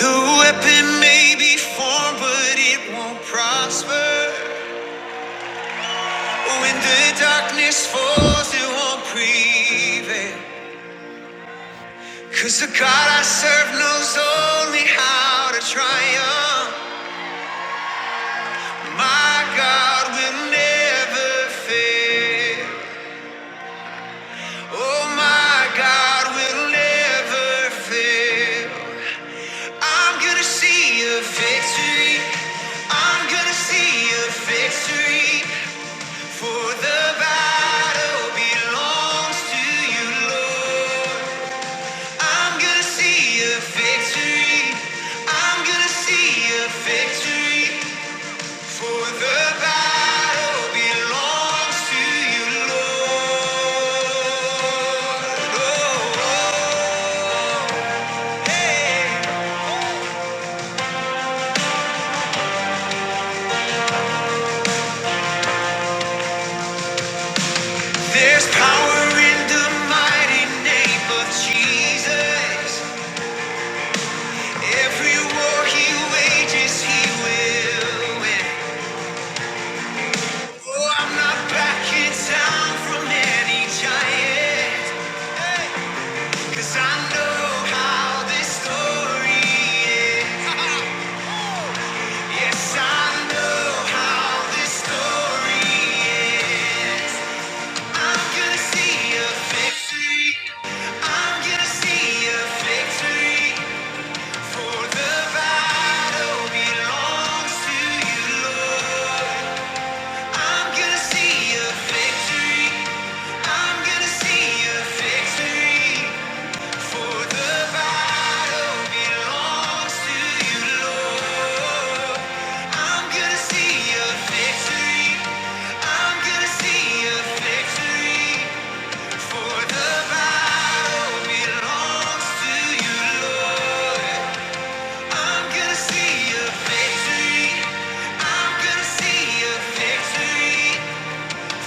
The weapon may be formed, but it won't prosper. When the darkness falls, it won't prevail. 'Cause the God I serve knows only how to triumph. My God will never fail. Oh, my God will never fail. I'm gonna see a victory. I'm gonna see a victory. For the battle belongs to you, Lord. I'm gonna see a victory. I'm gonna see a victory. For the battle belongs to you, Lord. Oh, oh. hey. There's power in the mighty name of Jesus. Every war he wages, he will win. Oh, I'm not backing down from any giant, 'cause I know how this story ends. Yes, I know how this story ends. I'm gonna see a victory. I'm gonna see a victory. For the battle belongs to you, Lord. I'm gonna see a victory. I'm gonna see a victory. For the battle belongs to you, Lord. I'm gonna see a victory. I'm gonna see a victory. For the battle belongs to you, Lord. I'm gonna see a victory. I'm gonna see a victory.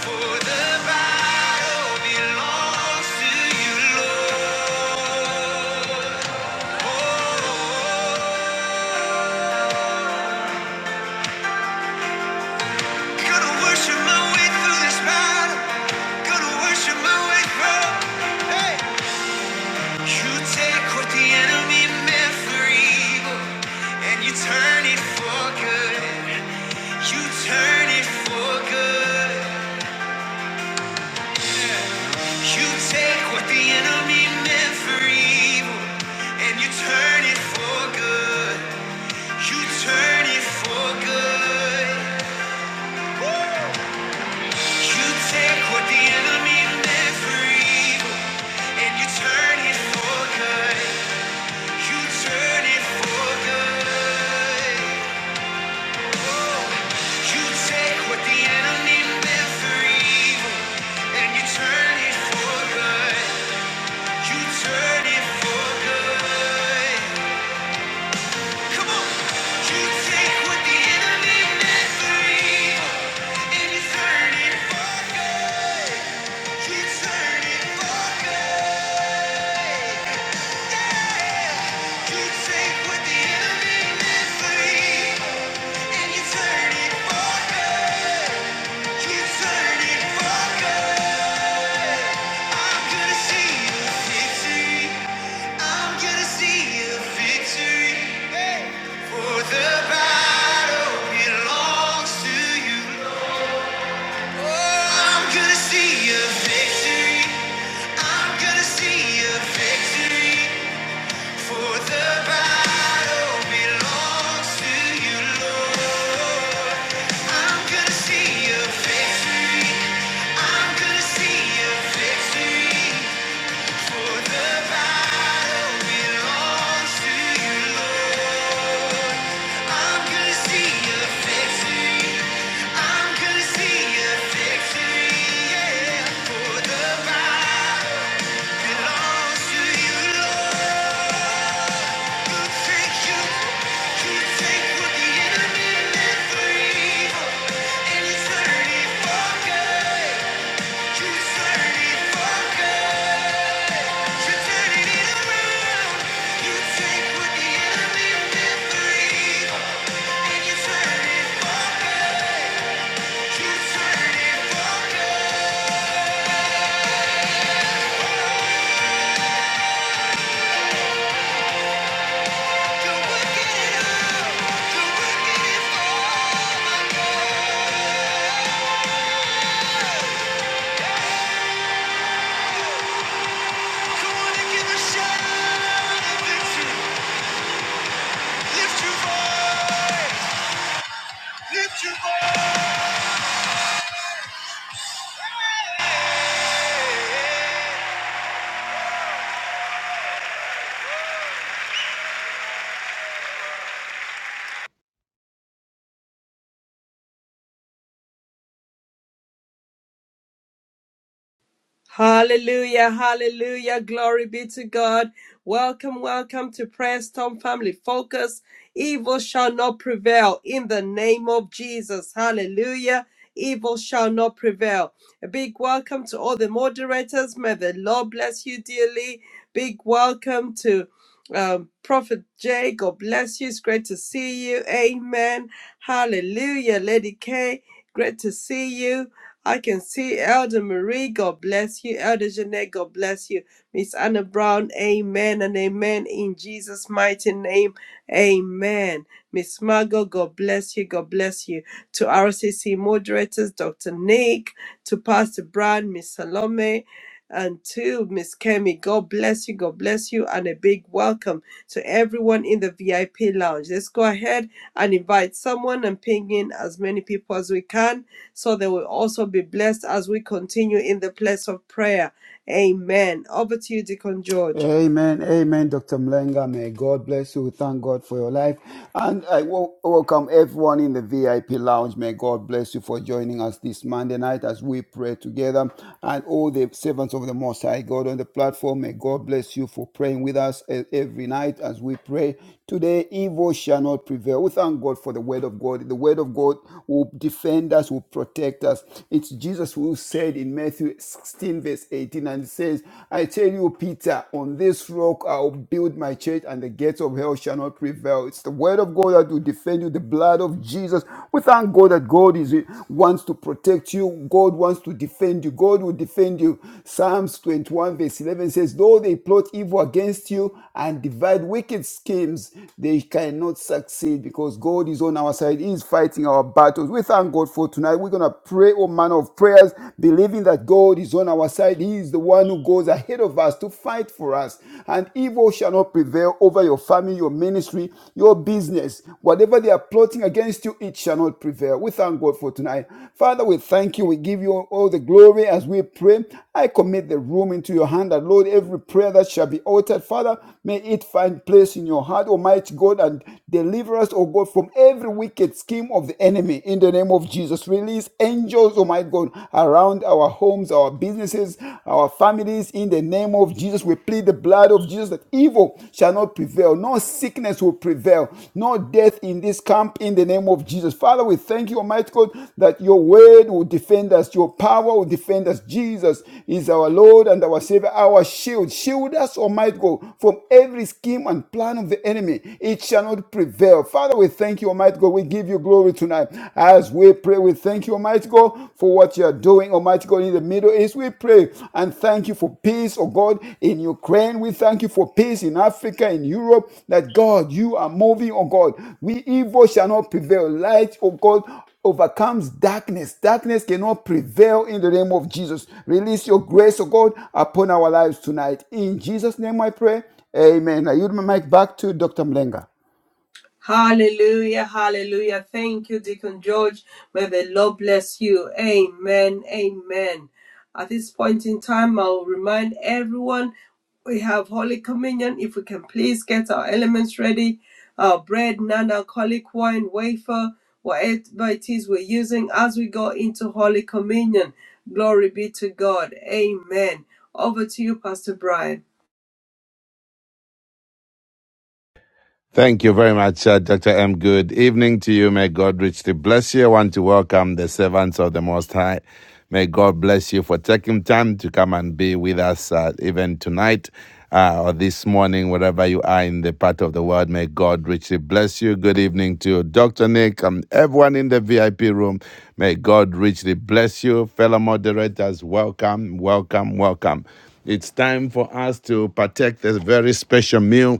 For the battle belongs to you, Lord. Gonna worship my way through this battle. Gonna worship my way through. You take what the enemy meant for evil, and you turn it for good. You turn it for good. You take what the enemy meant for evil, and you turn it for good. You turn it for good. You take what the enemy meant for evil and you turn it for good. You turn it for good. You take what the enemy meant for evil and you turn it for good. You turn it for good. Come on. You take what the enemy meant for evil and you turn it for good. You turn it for good. See a victory. I'm gonna see a victory. For the battle belongs to you, Lord. I'm gonna see your victory. I'm gonna see your victory. For the battle belongs to you, Lord. I'm gonna see your victory. I'm gonna see your victory. Yeah. For the battle belongs to you, Lord. Lift your voice! Hallelujah, hallelujah. Glory be to God. Welcome, welcome to Prayer Storm Family Focus. Evil shall not prevail in the name of Jesus. Hallelujah. Evil shall not prevail. A big welcome to all the moderators. May the Lord bless you dearly. Big welcome to um, Prophet Jay. God bless you. It's great to see you. Amen. Hallelujah. Lady K, great to see you. I can see Elder Marie, God bless you. Elder Jeanette, God bless you. Miss Anna Brown, amen and amen in Jesus' mighty name, amen. Miss Margot, God bless you, God bless you. To RCC moderators, Dr. Nick, to Pastor Brad, Miss Salome, and to Miss Kemi, God bless you, God bless you, and a big welcome to everyone in the VIP lounge. Let's go ahead and invite someone and ping in as many people as we can so they will also be blessed as we continue in the place of prayer. Amen. Over to you, Deacon George. Amen, amen, Dr. Mlenga. May God bless you. We Thank God for your life. And I wel- welcome everyone in the VIP lounge. May God bless you for joining us this Monday night as we pray together. And all the servants of the Most High God on the platform, may God bless you for praying with us e- every night as we pray. Today, evil shall not prevail. We thank God for the word of God. The word of God will defend us, will protect us. It's Jesus who said in Matthew 16, verse 18, and it says, I tell you, Peter, on this rock I'll build my church, and the gates of hell shall not prevail. It's the word of God that will defend you, the blood of Jesus. We thank God that God is wants to protect you. God wants to defend you. God will defend you you. Psalms 21, verse 11 says, Though they plot evil against you and divide wicked schemes, they cannot succeed because God is on our side. He is fighting our battles. We thank God for tonight. We're going to pray all manner of prayers, believing that God is on our side. He is the one who goes ahead of us to fight for us. And evil shall not prevail over your family, your ministry, your business. Whatever they are plotting against you, against you it shall not prevail. We thank God for tonight. Father, we thank you. We give you all the glory as we pray. I commit the room into your hand that, Lord, every prayer that shall be uttered, Father, may it find place in your heart, Almighty God, and deliver us, O God, from every wicked scheme of the enemy. In the name of Jesus, release angels, oh my God, around our homes, our businesses, our families. In the name of Jesus, we plead the blood blood of Jesus that evil shall not prevail, no sickness will prevail, no death in this camp in the name of Jesus. Father, we thank you, Almighty God, that your word will defend us, your power will defend us. Jesus is our Lord and our Savior, our shield. Shield us, Almighty God, from every scheme and plan of the enemy. It shall not prevail. Father, we thank you, Almighty God. We give you glory tonight. As we pray, we thank you, Almighty God, for what you are doing, Almighty God, in the Middle East. We pray and thank you for peace, oh God, in Ukraine. We thank you for peace in Africa, in Europe, that God, you are moving, oh God. We evil shall not prevail. Light, oh God, overcomes darkness. Darkness cannot prevail in the name of Jesus. Release your grace, oh God, upon our lives tonight. In Jesus' name I pray. Amen. I yield my mic back to Dr. Mlenga. Hallelujah, hallelujah. Thank you, Deacon George. May the Lord bless you. Amen, amen. At this point in time, I will remind everyone we have Holy Communion. If we can please get our elements ready our bread, non alcoholic wine, wafer, whatever it is we're using as we go into Holy Communion. Glory be to God. Amen. Over to you, Pastor Brian. Thank you very much, uh, Dr. M. Good evening to you. May God richly bless you. I want to welcome the servants of the Most High. May God bless you for taking time to come and be with us uh, even tonight uh, or this morning, wherever you are in the part of the world. May God richly bless you. Good evening to Dr. Nick and everyone in the VIP room. May God richly bless you. Fellow moderators, welcome, welcome, welcome. It's time for us to partake this very special meal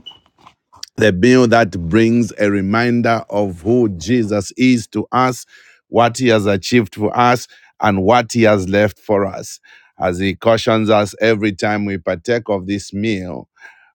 the meal that brings a reminder of who Jesus is to us, what he has achieved for us, and what he has left for us. As he cautions us every time we partake of this meal,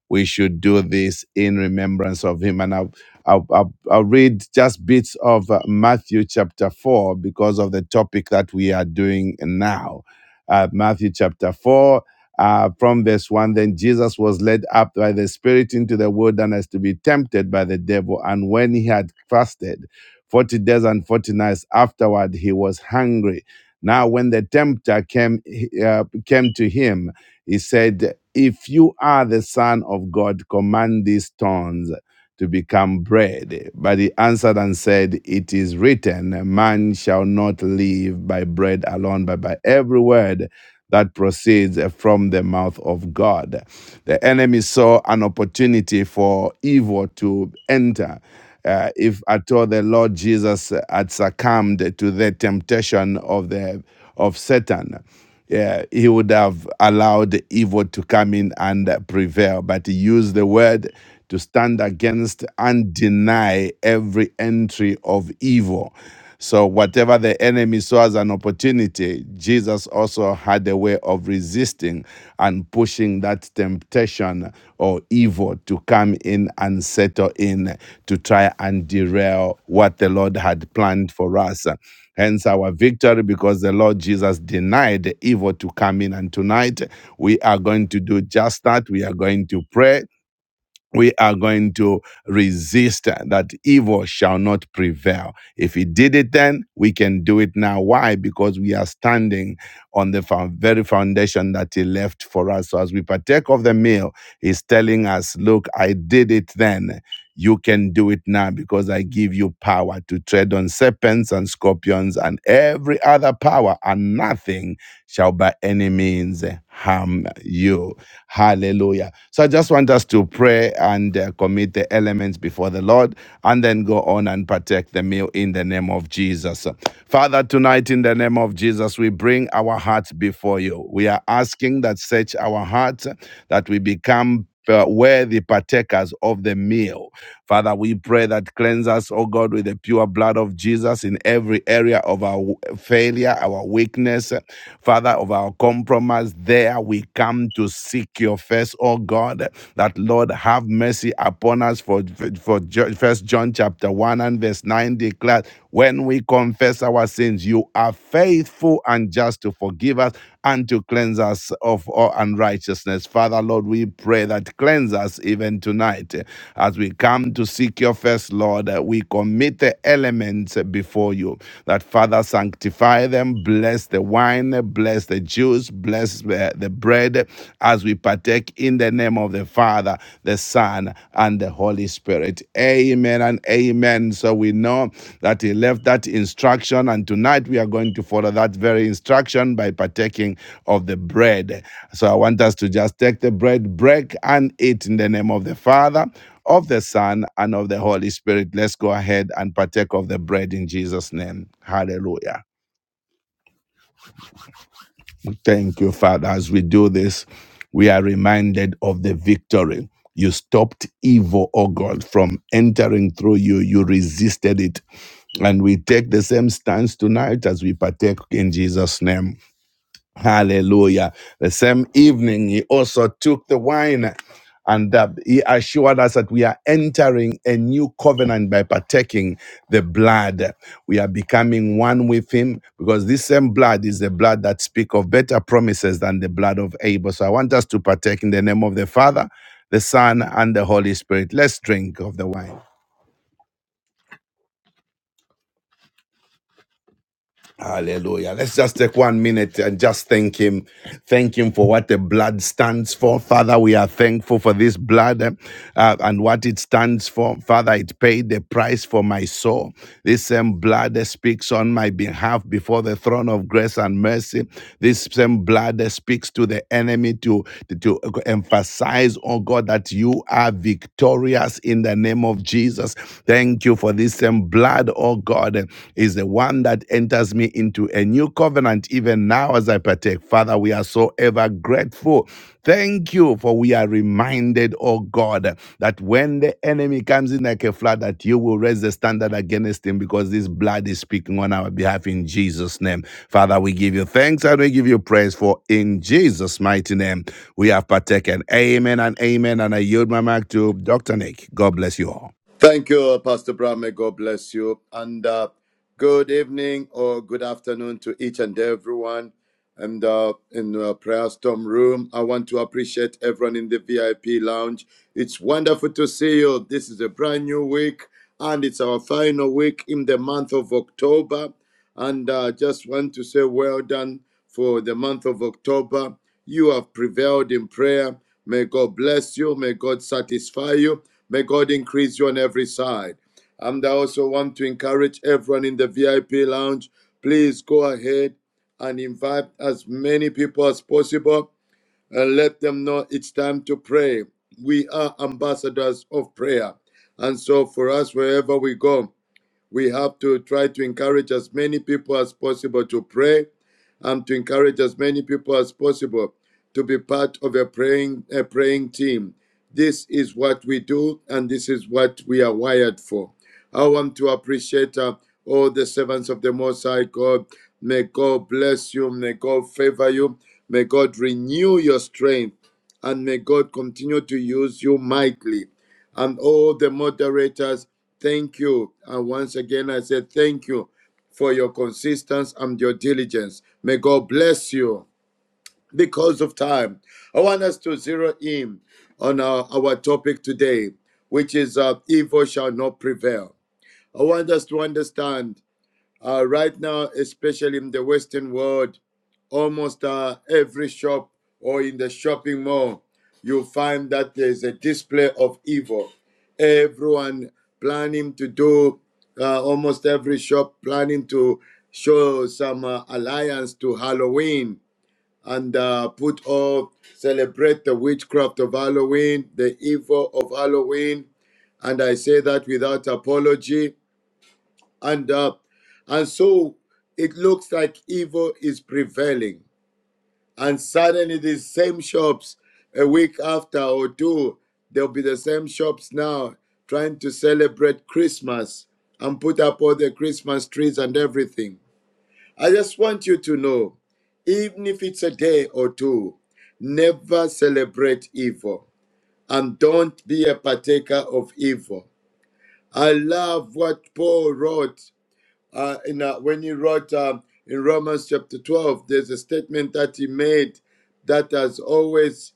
we should do this in remembrance of him. And I'll, I'll, I'll, I'll read just bits of uh, Matthew chapter 4 because of the topic that we are doing now. Uh, Matthew chapter 4. Uh, from verse 1, then Jesus was led up by the Spirit into the wilderness to be tempted by the devil. And when he had fasted 40 days and 40 nights afterward, he was hungry. Now, when the tempter came, uh, came to him, he said, If you are the Son of God, command these stones to become bread. But he answered and said, It is written, Man shall not live by bread alone, but by every word that proceeds from the mouth of God. The enemy saw an opportunity for evil to enter uh, if at all the Lord Jesus had succumbed to the temptation of the of Satan. Yeah, he would have allowed evil to come in and prevail, but he used the word to stand against and deny every entry of evil. So, whatever the enemy saw as an opportunity, Jesus also had a way of resisting and pushing that temptation or evil to come in and settle in to try and derail what the Lord had planned for us. Hence our victory because the Lord Jesus denied evil to come in. And tonight we are going to do just that. We are going to pray we are going to resist that evil shall not prevail. If he did it then, we can do it now. Why? Because we are standing on the found, very foundation that He left for us. So as we partake of the meal, He's telling us, Look, I did it then. You can do it now because I give you power to tread on serpents and scorpions and every other power, and nothing shall by any means harm you. Hallelujah. So I just want us to pray and uh, commit the elements before the Lord and then go on and partake the meal in in the name of Jesus. Father, tonight in the name of Jesus, we bring our hearts before you. We are asking that search our hearts, that we become uh, worthy partakers of the meal. Father, we pray that cleanse us, O God, with the pure blood of Jesus in every area of our w- failure, our weakness, Father, of our compromise. There we come to seek your face, O God, that Lord, have mercy upon us for, for first John chapter 1 and verse 9 declares, when we confess our sins, you are faithful and just to forgive us and to cleanse us of all unrighteousness. Father, Lord, we pray that cleanse us even tonight. As we come to seek your face Lord, we commit the elements before you. That Father, sanctify them, bless the wine, bless the juice, bless the, the bread as we partake in the name of the Father, the Son, and the Holy Spirit. Amen and amen. So we know that He left that instruction, and tonight we are going to follow that very instruction by partaking of the bread. So I want us to just take the bread, break, and eat in the name of the Father. Of the Son and of the Holy Spirit. Let's go ahead and partake of the bread in Jesus' name. Hallelujah. Thank you, Father. As we do this, we are reminded of the victory. You stopped evil, oh God, from entering through you. You resisted it. And we take the same stance tonight as we partake in Jesus' name. Hallelujah. The same evening, he also took the wine and uh, he assured us that we are entering a new covenant by partaking the blood. We are becoming one with him because this same blood is the blood that speaks of better promises than the blood of Abel. So I want us to partake in the name of the Father, the Son, and the Holy Spirit. Let's drink of the wine. Hallelujah. Let's just take one minute and just thank Him. Thank Him for what the blood stands for. Father, we are thankful for this blood uh, and what it stands for. Father, it paid the price for my soul. This same blood that speaks on my behalf before the throne of grace and mercy. This same blood that speaks to the enemy to, to emphasize, oh God, that you are victorious in the name of of Jesus. Thank you for this same blood, oh God, is the one that enters me into a new covenant, even now as I partake. Father, we are so ever grateful. Thank you for we are reminded, oh God, that when the enemy comes in like a flood, that you will raise the standard against him because this blood is speaking on our behalf in Jesus' name. Father, we give you thanks and we give you praise for in Jesus' mighty name we have partaken. Amen and amen. And I yield my mic to Dr. Nick. God bless you all. Thank you, uh, Pastor Brown. May God bless you. And uh, good evening or good afternoon to each and everyone. And uh, in the prayer storm room, I want to appreciate everyone in the VIP lounge. It's wonderful to see you. This is a brand new week, and it's our final week in the month of October. And uh, just want to say well done for the month of October. You have prevailed in prayer. May God bless you. May God satisfy you. May God increase you on every side. And I also want to encourage everyone in the VIP lounge please go ahead and invite as many people as possible and let them know it's time to pray. We are ambassadors of prayer. And so for us, wherever we go, we have to try to encourage as many people as possible to pray and to encourage as many people as possible to be part of a praying, a praying team. This is what we do and this is what we are wired for. I want to appreciate uh, all the servants of the Most High God. May God bless you. May God favor you. May God renew your strength and may God continue to use you mightily. And all the moderators Thank you. And once again, I said thank you for your consistency and your diligence. May God bless you because of time. I want us to zero in on our, our topic today, which is uh, evil shall not prevail. I want us to understand uh, right now, especially in the Western world, almost uh, every shop or in the shopping mall, you'll find that there's a display of evil. Everyone planning to do, uh, almost every shop planning to show some uh, alliance to Halloween and uh, put all, celebrate the witchcraft of Halloween, the evil of Halloween. And I say that without apology and uh, and so it looks like evil is prevailing and suddenly these same shops a week after or two there'll be the same shops now trying to celebrate christmas and put up all the christmas trees and everything i just want you to know even if it's a day or two never celebrate evil and don't be a partaker of evil i love what paul wrote uh, in, uh, when he wrote um, in Romans chapter 12, there's a statement that he made that has always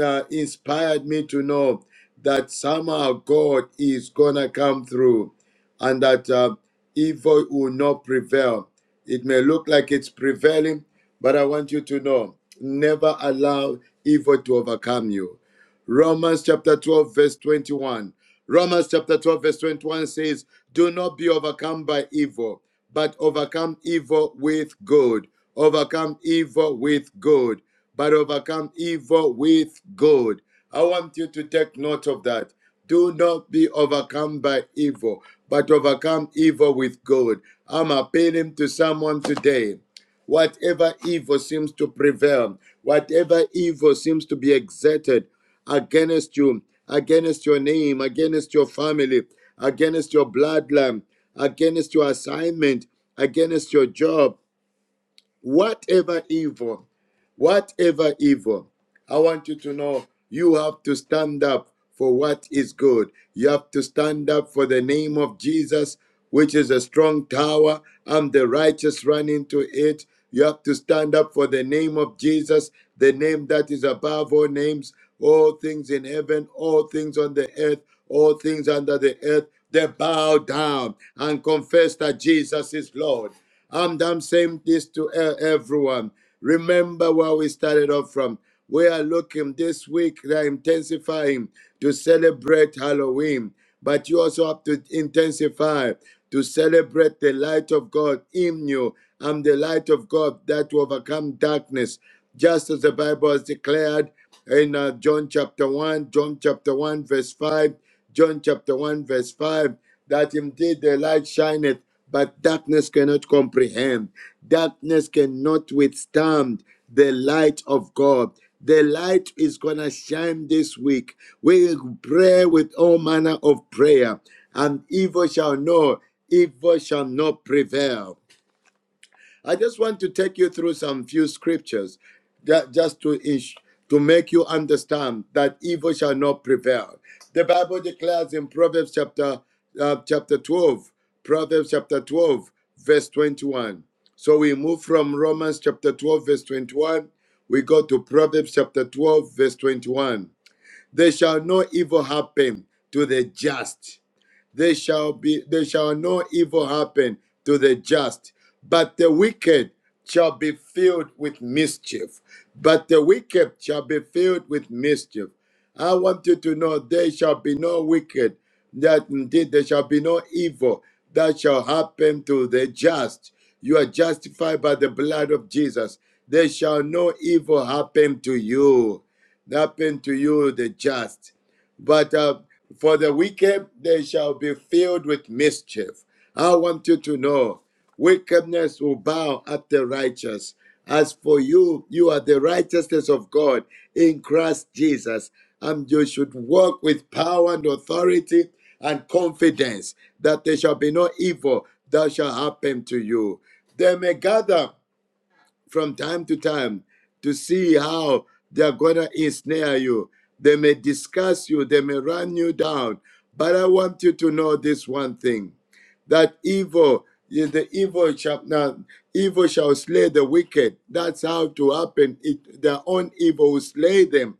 uh, inspired me to know that somehow God is going to come through and that uh, evil will not prevail. It may look like it's prevailing, but I want you to know never allow evil to overcome you. Romans chapter 12, verse 21. Romans chapter 12, verse 21 says, Do not be overcome by evil, but overcome evil with good. Overcome evil with good, but overcome evil with good. I want you to take note of that. Do not be overcome by evil, but overcome evil with good. I'm appealing to someone today. Whatever evil seems to prevail, whatever evil seems to be exerted against you, against your name, against your family, against your bloodline, against your assignment, against your job, Whatever evil, whatever evil, I want you to know you have to stand up for what is good. You have to stand up for the name of Jesus, which is a strong tower, and the righteous run into it. You have to stand up for the name of Jesus, the name that is above all names, all things in heaven, all things on the earth, all things under the earth. They bow down and confess that Jesus is Lord. And I'm saying this to e- everyone. Remember where we started off from. We are looking this week, they are intensifying to celebrate Halloween, but you also have to intensify to celebrate the light of God in you and the light of God that will overcome darkness, just as the Bible has declared in uh, John chapter 1, John chapter 1, verse 5. John chapter 1, verse 5, that indeed the light shineth, but darkness cannot comprehend. Darkness cannot withstand the light of God. The light is going to shine this week. We will pray with all manner of prayer, and evil shall know, evil shall not prevail. I just want to take you through some few scriptures ju- just to ins- to make you understand that evil shall not prevail. The Bible declares in Proverbs chapter uh, chapter 12, Proverbs chapter 12, verse 21. So we move from Romans chapter 12, verse 21. We go to Proverbs chapter 12, verse 21. There shall no evil happen to the just there shall be there shall no evil happen to the just, but the wicked shall be filled with mischief. But the wicked shall be filled with mischief. I want you to know there shall be no wicked, that indeed there shall be no evil that shall happen to the just. You are justified by the blood of Jesus. There shall no evil happen to you. Happen to you, the just. But uh, for the wicked, they shall be filled with mischief. I want you to know wickedness will bow at the righteous. As for you, you are the righteousness of God in Christ Jesus, and you should walk with power and authority and confidence that there shall be no evil that shall happen to you. They may gather from time to time to see how they are going to ensnare you. They may discuss you, they may run you down. But I want you to know this one thing that evil, yeah, the evil shall not, evil shall slay the wicked. That's how to happen. It, their own evil will slay them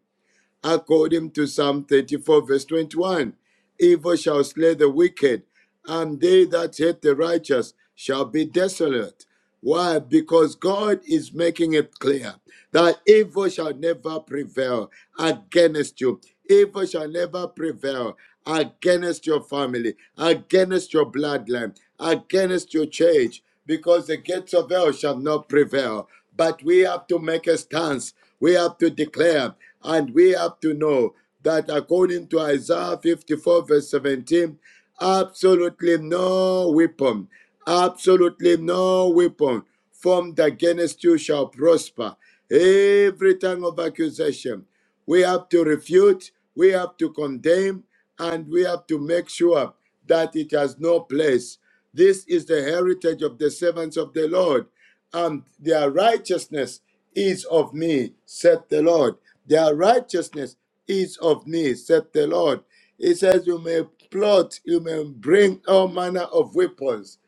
according to Psalm 34, verse 21. Evil shall slay the wicked, and they that hate the righteous shall be desolate. Why? Because God is making it clear that evil shall never prevail against you. Evil shall never prevail against your family, against your bloodline, against your church, because the gates of hell shall not prevail. But we have to make a stance we have to declare and we have to know that according to Isaiah 54, verse 17, absolutely no weapon, absolutely no weapon formed against you shall prosper. Every tongue of accusation, we have to refute, we have to condemn, and we have to make sure that it has no place. This is the heritage of the servants of the Lord and their righteousness is of me, said the Lord. Their righteousness is of me, said the Lord. He says, You may plot, you may bring all manner of weapons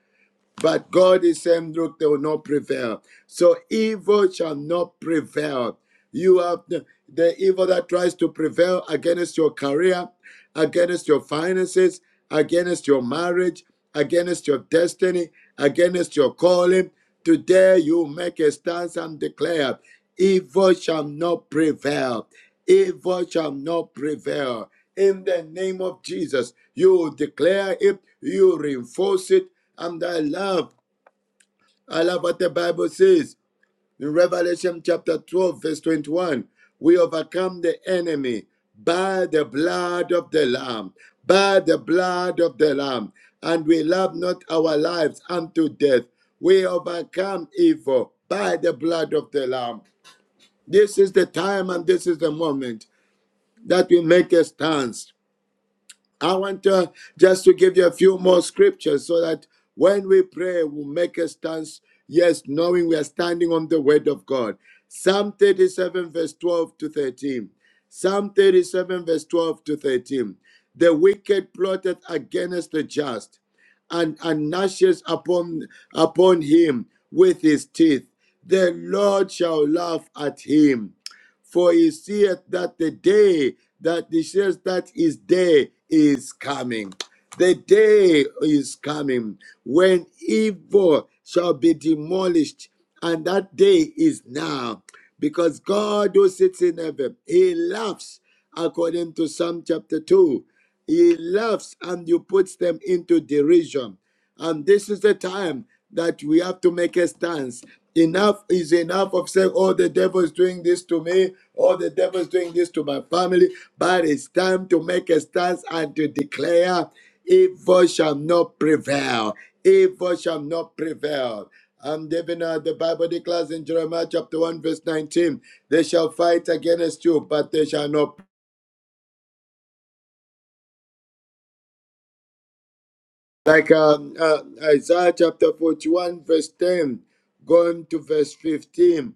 but God is saying, look, they will not prevail. So evil shall not prevail. You have the, the evil that tries to prevail against your career, against your finances, against your marriage, against your destiny, against your calling. Today you make a stance and declare, evil shall not prevail. Evil shall not prevail. In the name of Jesus, you declare it, you reinforce it, I'm thy love. I love what the Bible says in Revelation chapter 12, verse 21. We overcome the enemy by the blood of the Lamb, by the blood of the Lamb, and we love not our lives unto death. We overcome evil by the blood of the Lamb. This is the time and this is the moment that we make a stand. I want to just to give you a few more scriptures so that when we pray, we'll make a stance, yes, knowing we are standing on the word of God. Psalm 37, verse 12 to 13. Psalm 37, verse 12 to 13. The wicked plotted against the just and, and gnashes upon, upon him with his teeth. The Lord shall laugh at him for he seeth that the day that he says that his day is coming. The day is coming when evil shall be demolished, and that day is now. Because God who sits in heaven, he laughs according to Psalm chapter 2. He laughs and you puts them into derision. And this is the time that we have to make a stance. Enough is enough of saying, oh, the devil is doing this to me, oh, the devil is doing this to my family. But it's time to make a stance and to declare, evil shall not prevail. Evil shall not prevail. And even uh, the Bible declares in Jeremiah chapter 1, verse 19, they shall fight against you, but they shall not Like um, uh, Isaiah chapter 41, verse 10, going to verse 15.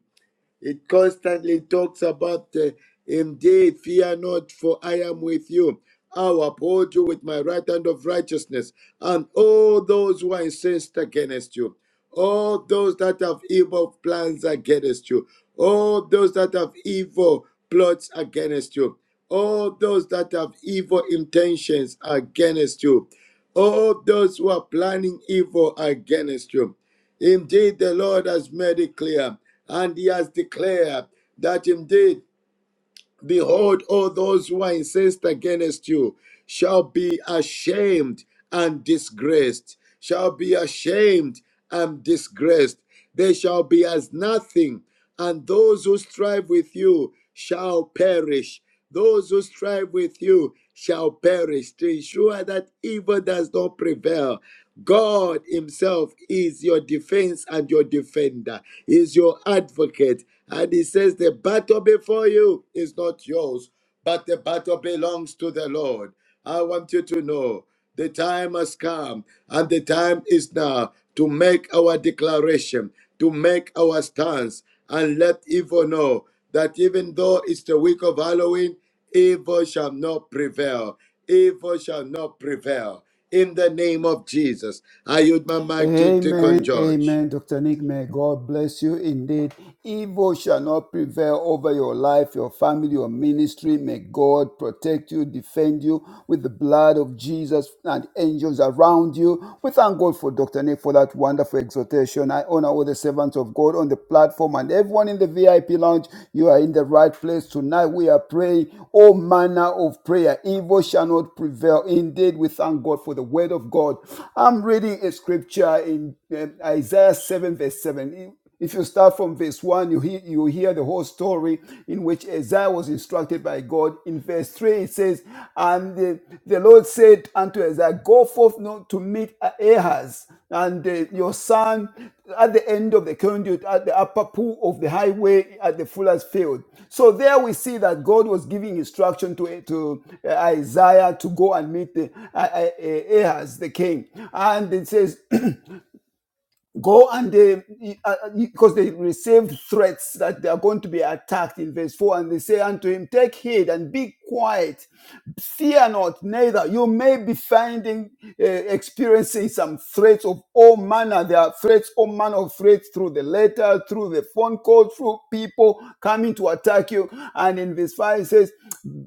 It constantly talks about, uh, indeed, fear not, for I am with you. I'll uphold you with my right hand of righteousness, and all those who are incensed against you, all those that have evil plans against you, all those that have evil plots against you, all those that have evil intentions against you, all those who are planning evil against you. Indeed, the Lord has made it clear, and he has declared that indeed, behold, all those who are incensed against you shall be ashamed and disgraced, shall be ashamed and disgraced. They shall be as nothing, and those who strive with you shall perish. Those who strive with you shall perish to ensure that evil does not prevail. God Himself is your defense and your defender, is your advocate. And He says, The battle before you is not yours, but the battle belongs to the Lord. I want you to know. The time has come, and the time is now to make our declaration, to make our stance, and let evil know that even though it's the week of Halloween, evil shall not prevail. Evil shall not prevail. In the name of Jesus, I yield my mic to Deacon Amen, George. amen, Dr. Nick. May God bless you indeed. Evil shall not prevail over your life, your family, your ministry. May God protect you, defend you with the blood of Jesus and angels around you. We thank God for Dr. Nick for that wonderful exhortation. I honor all the servants of God on the platform and everyone in the VIP lounge. You are in the right place tonight. We are praying all manner of prayer. Evil shall not prevail. Indeed, we thank God for the word of God. I'm reading a scripture scripture in uh, Isaiah 7, verse 7. If if you start from verse 1, you hear, you hear the whole story in which Isaiah was instructed by God. In verse 3, it says, And the, the Lord said unto Isaiah, Go forth not to meet Ahaz and uh, your son at the end of the conduit, at the upper pool of the highway at the fuller's field. So there we see that God was giving instruction to, to uh, Isaiah to go and meet the, uh, uh, Ahaz, the king. And it says, go and they because they received threats that they are going to be attacked in verse 4 and they say unto him take heed and be quiet fear not neither you may be finding uh, experiencing some threats of all manner there are threats all manner of threats through the letter through the phone call through people coming to attack you and in verse 5 it says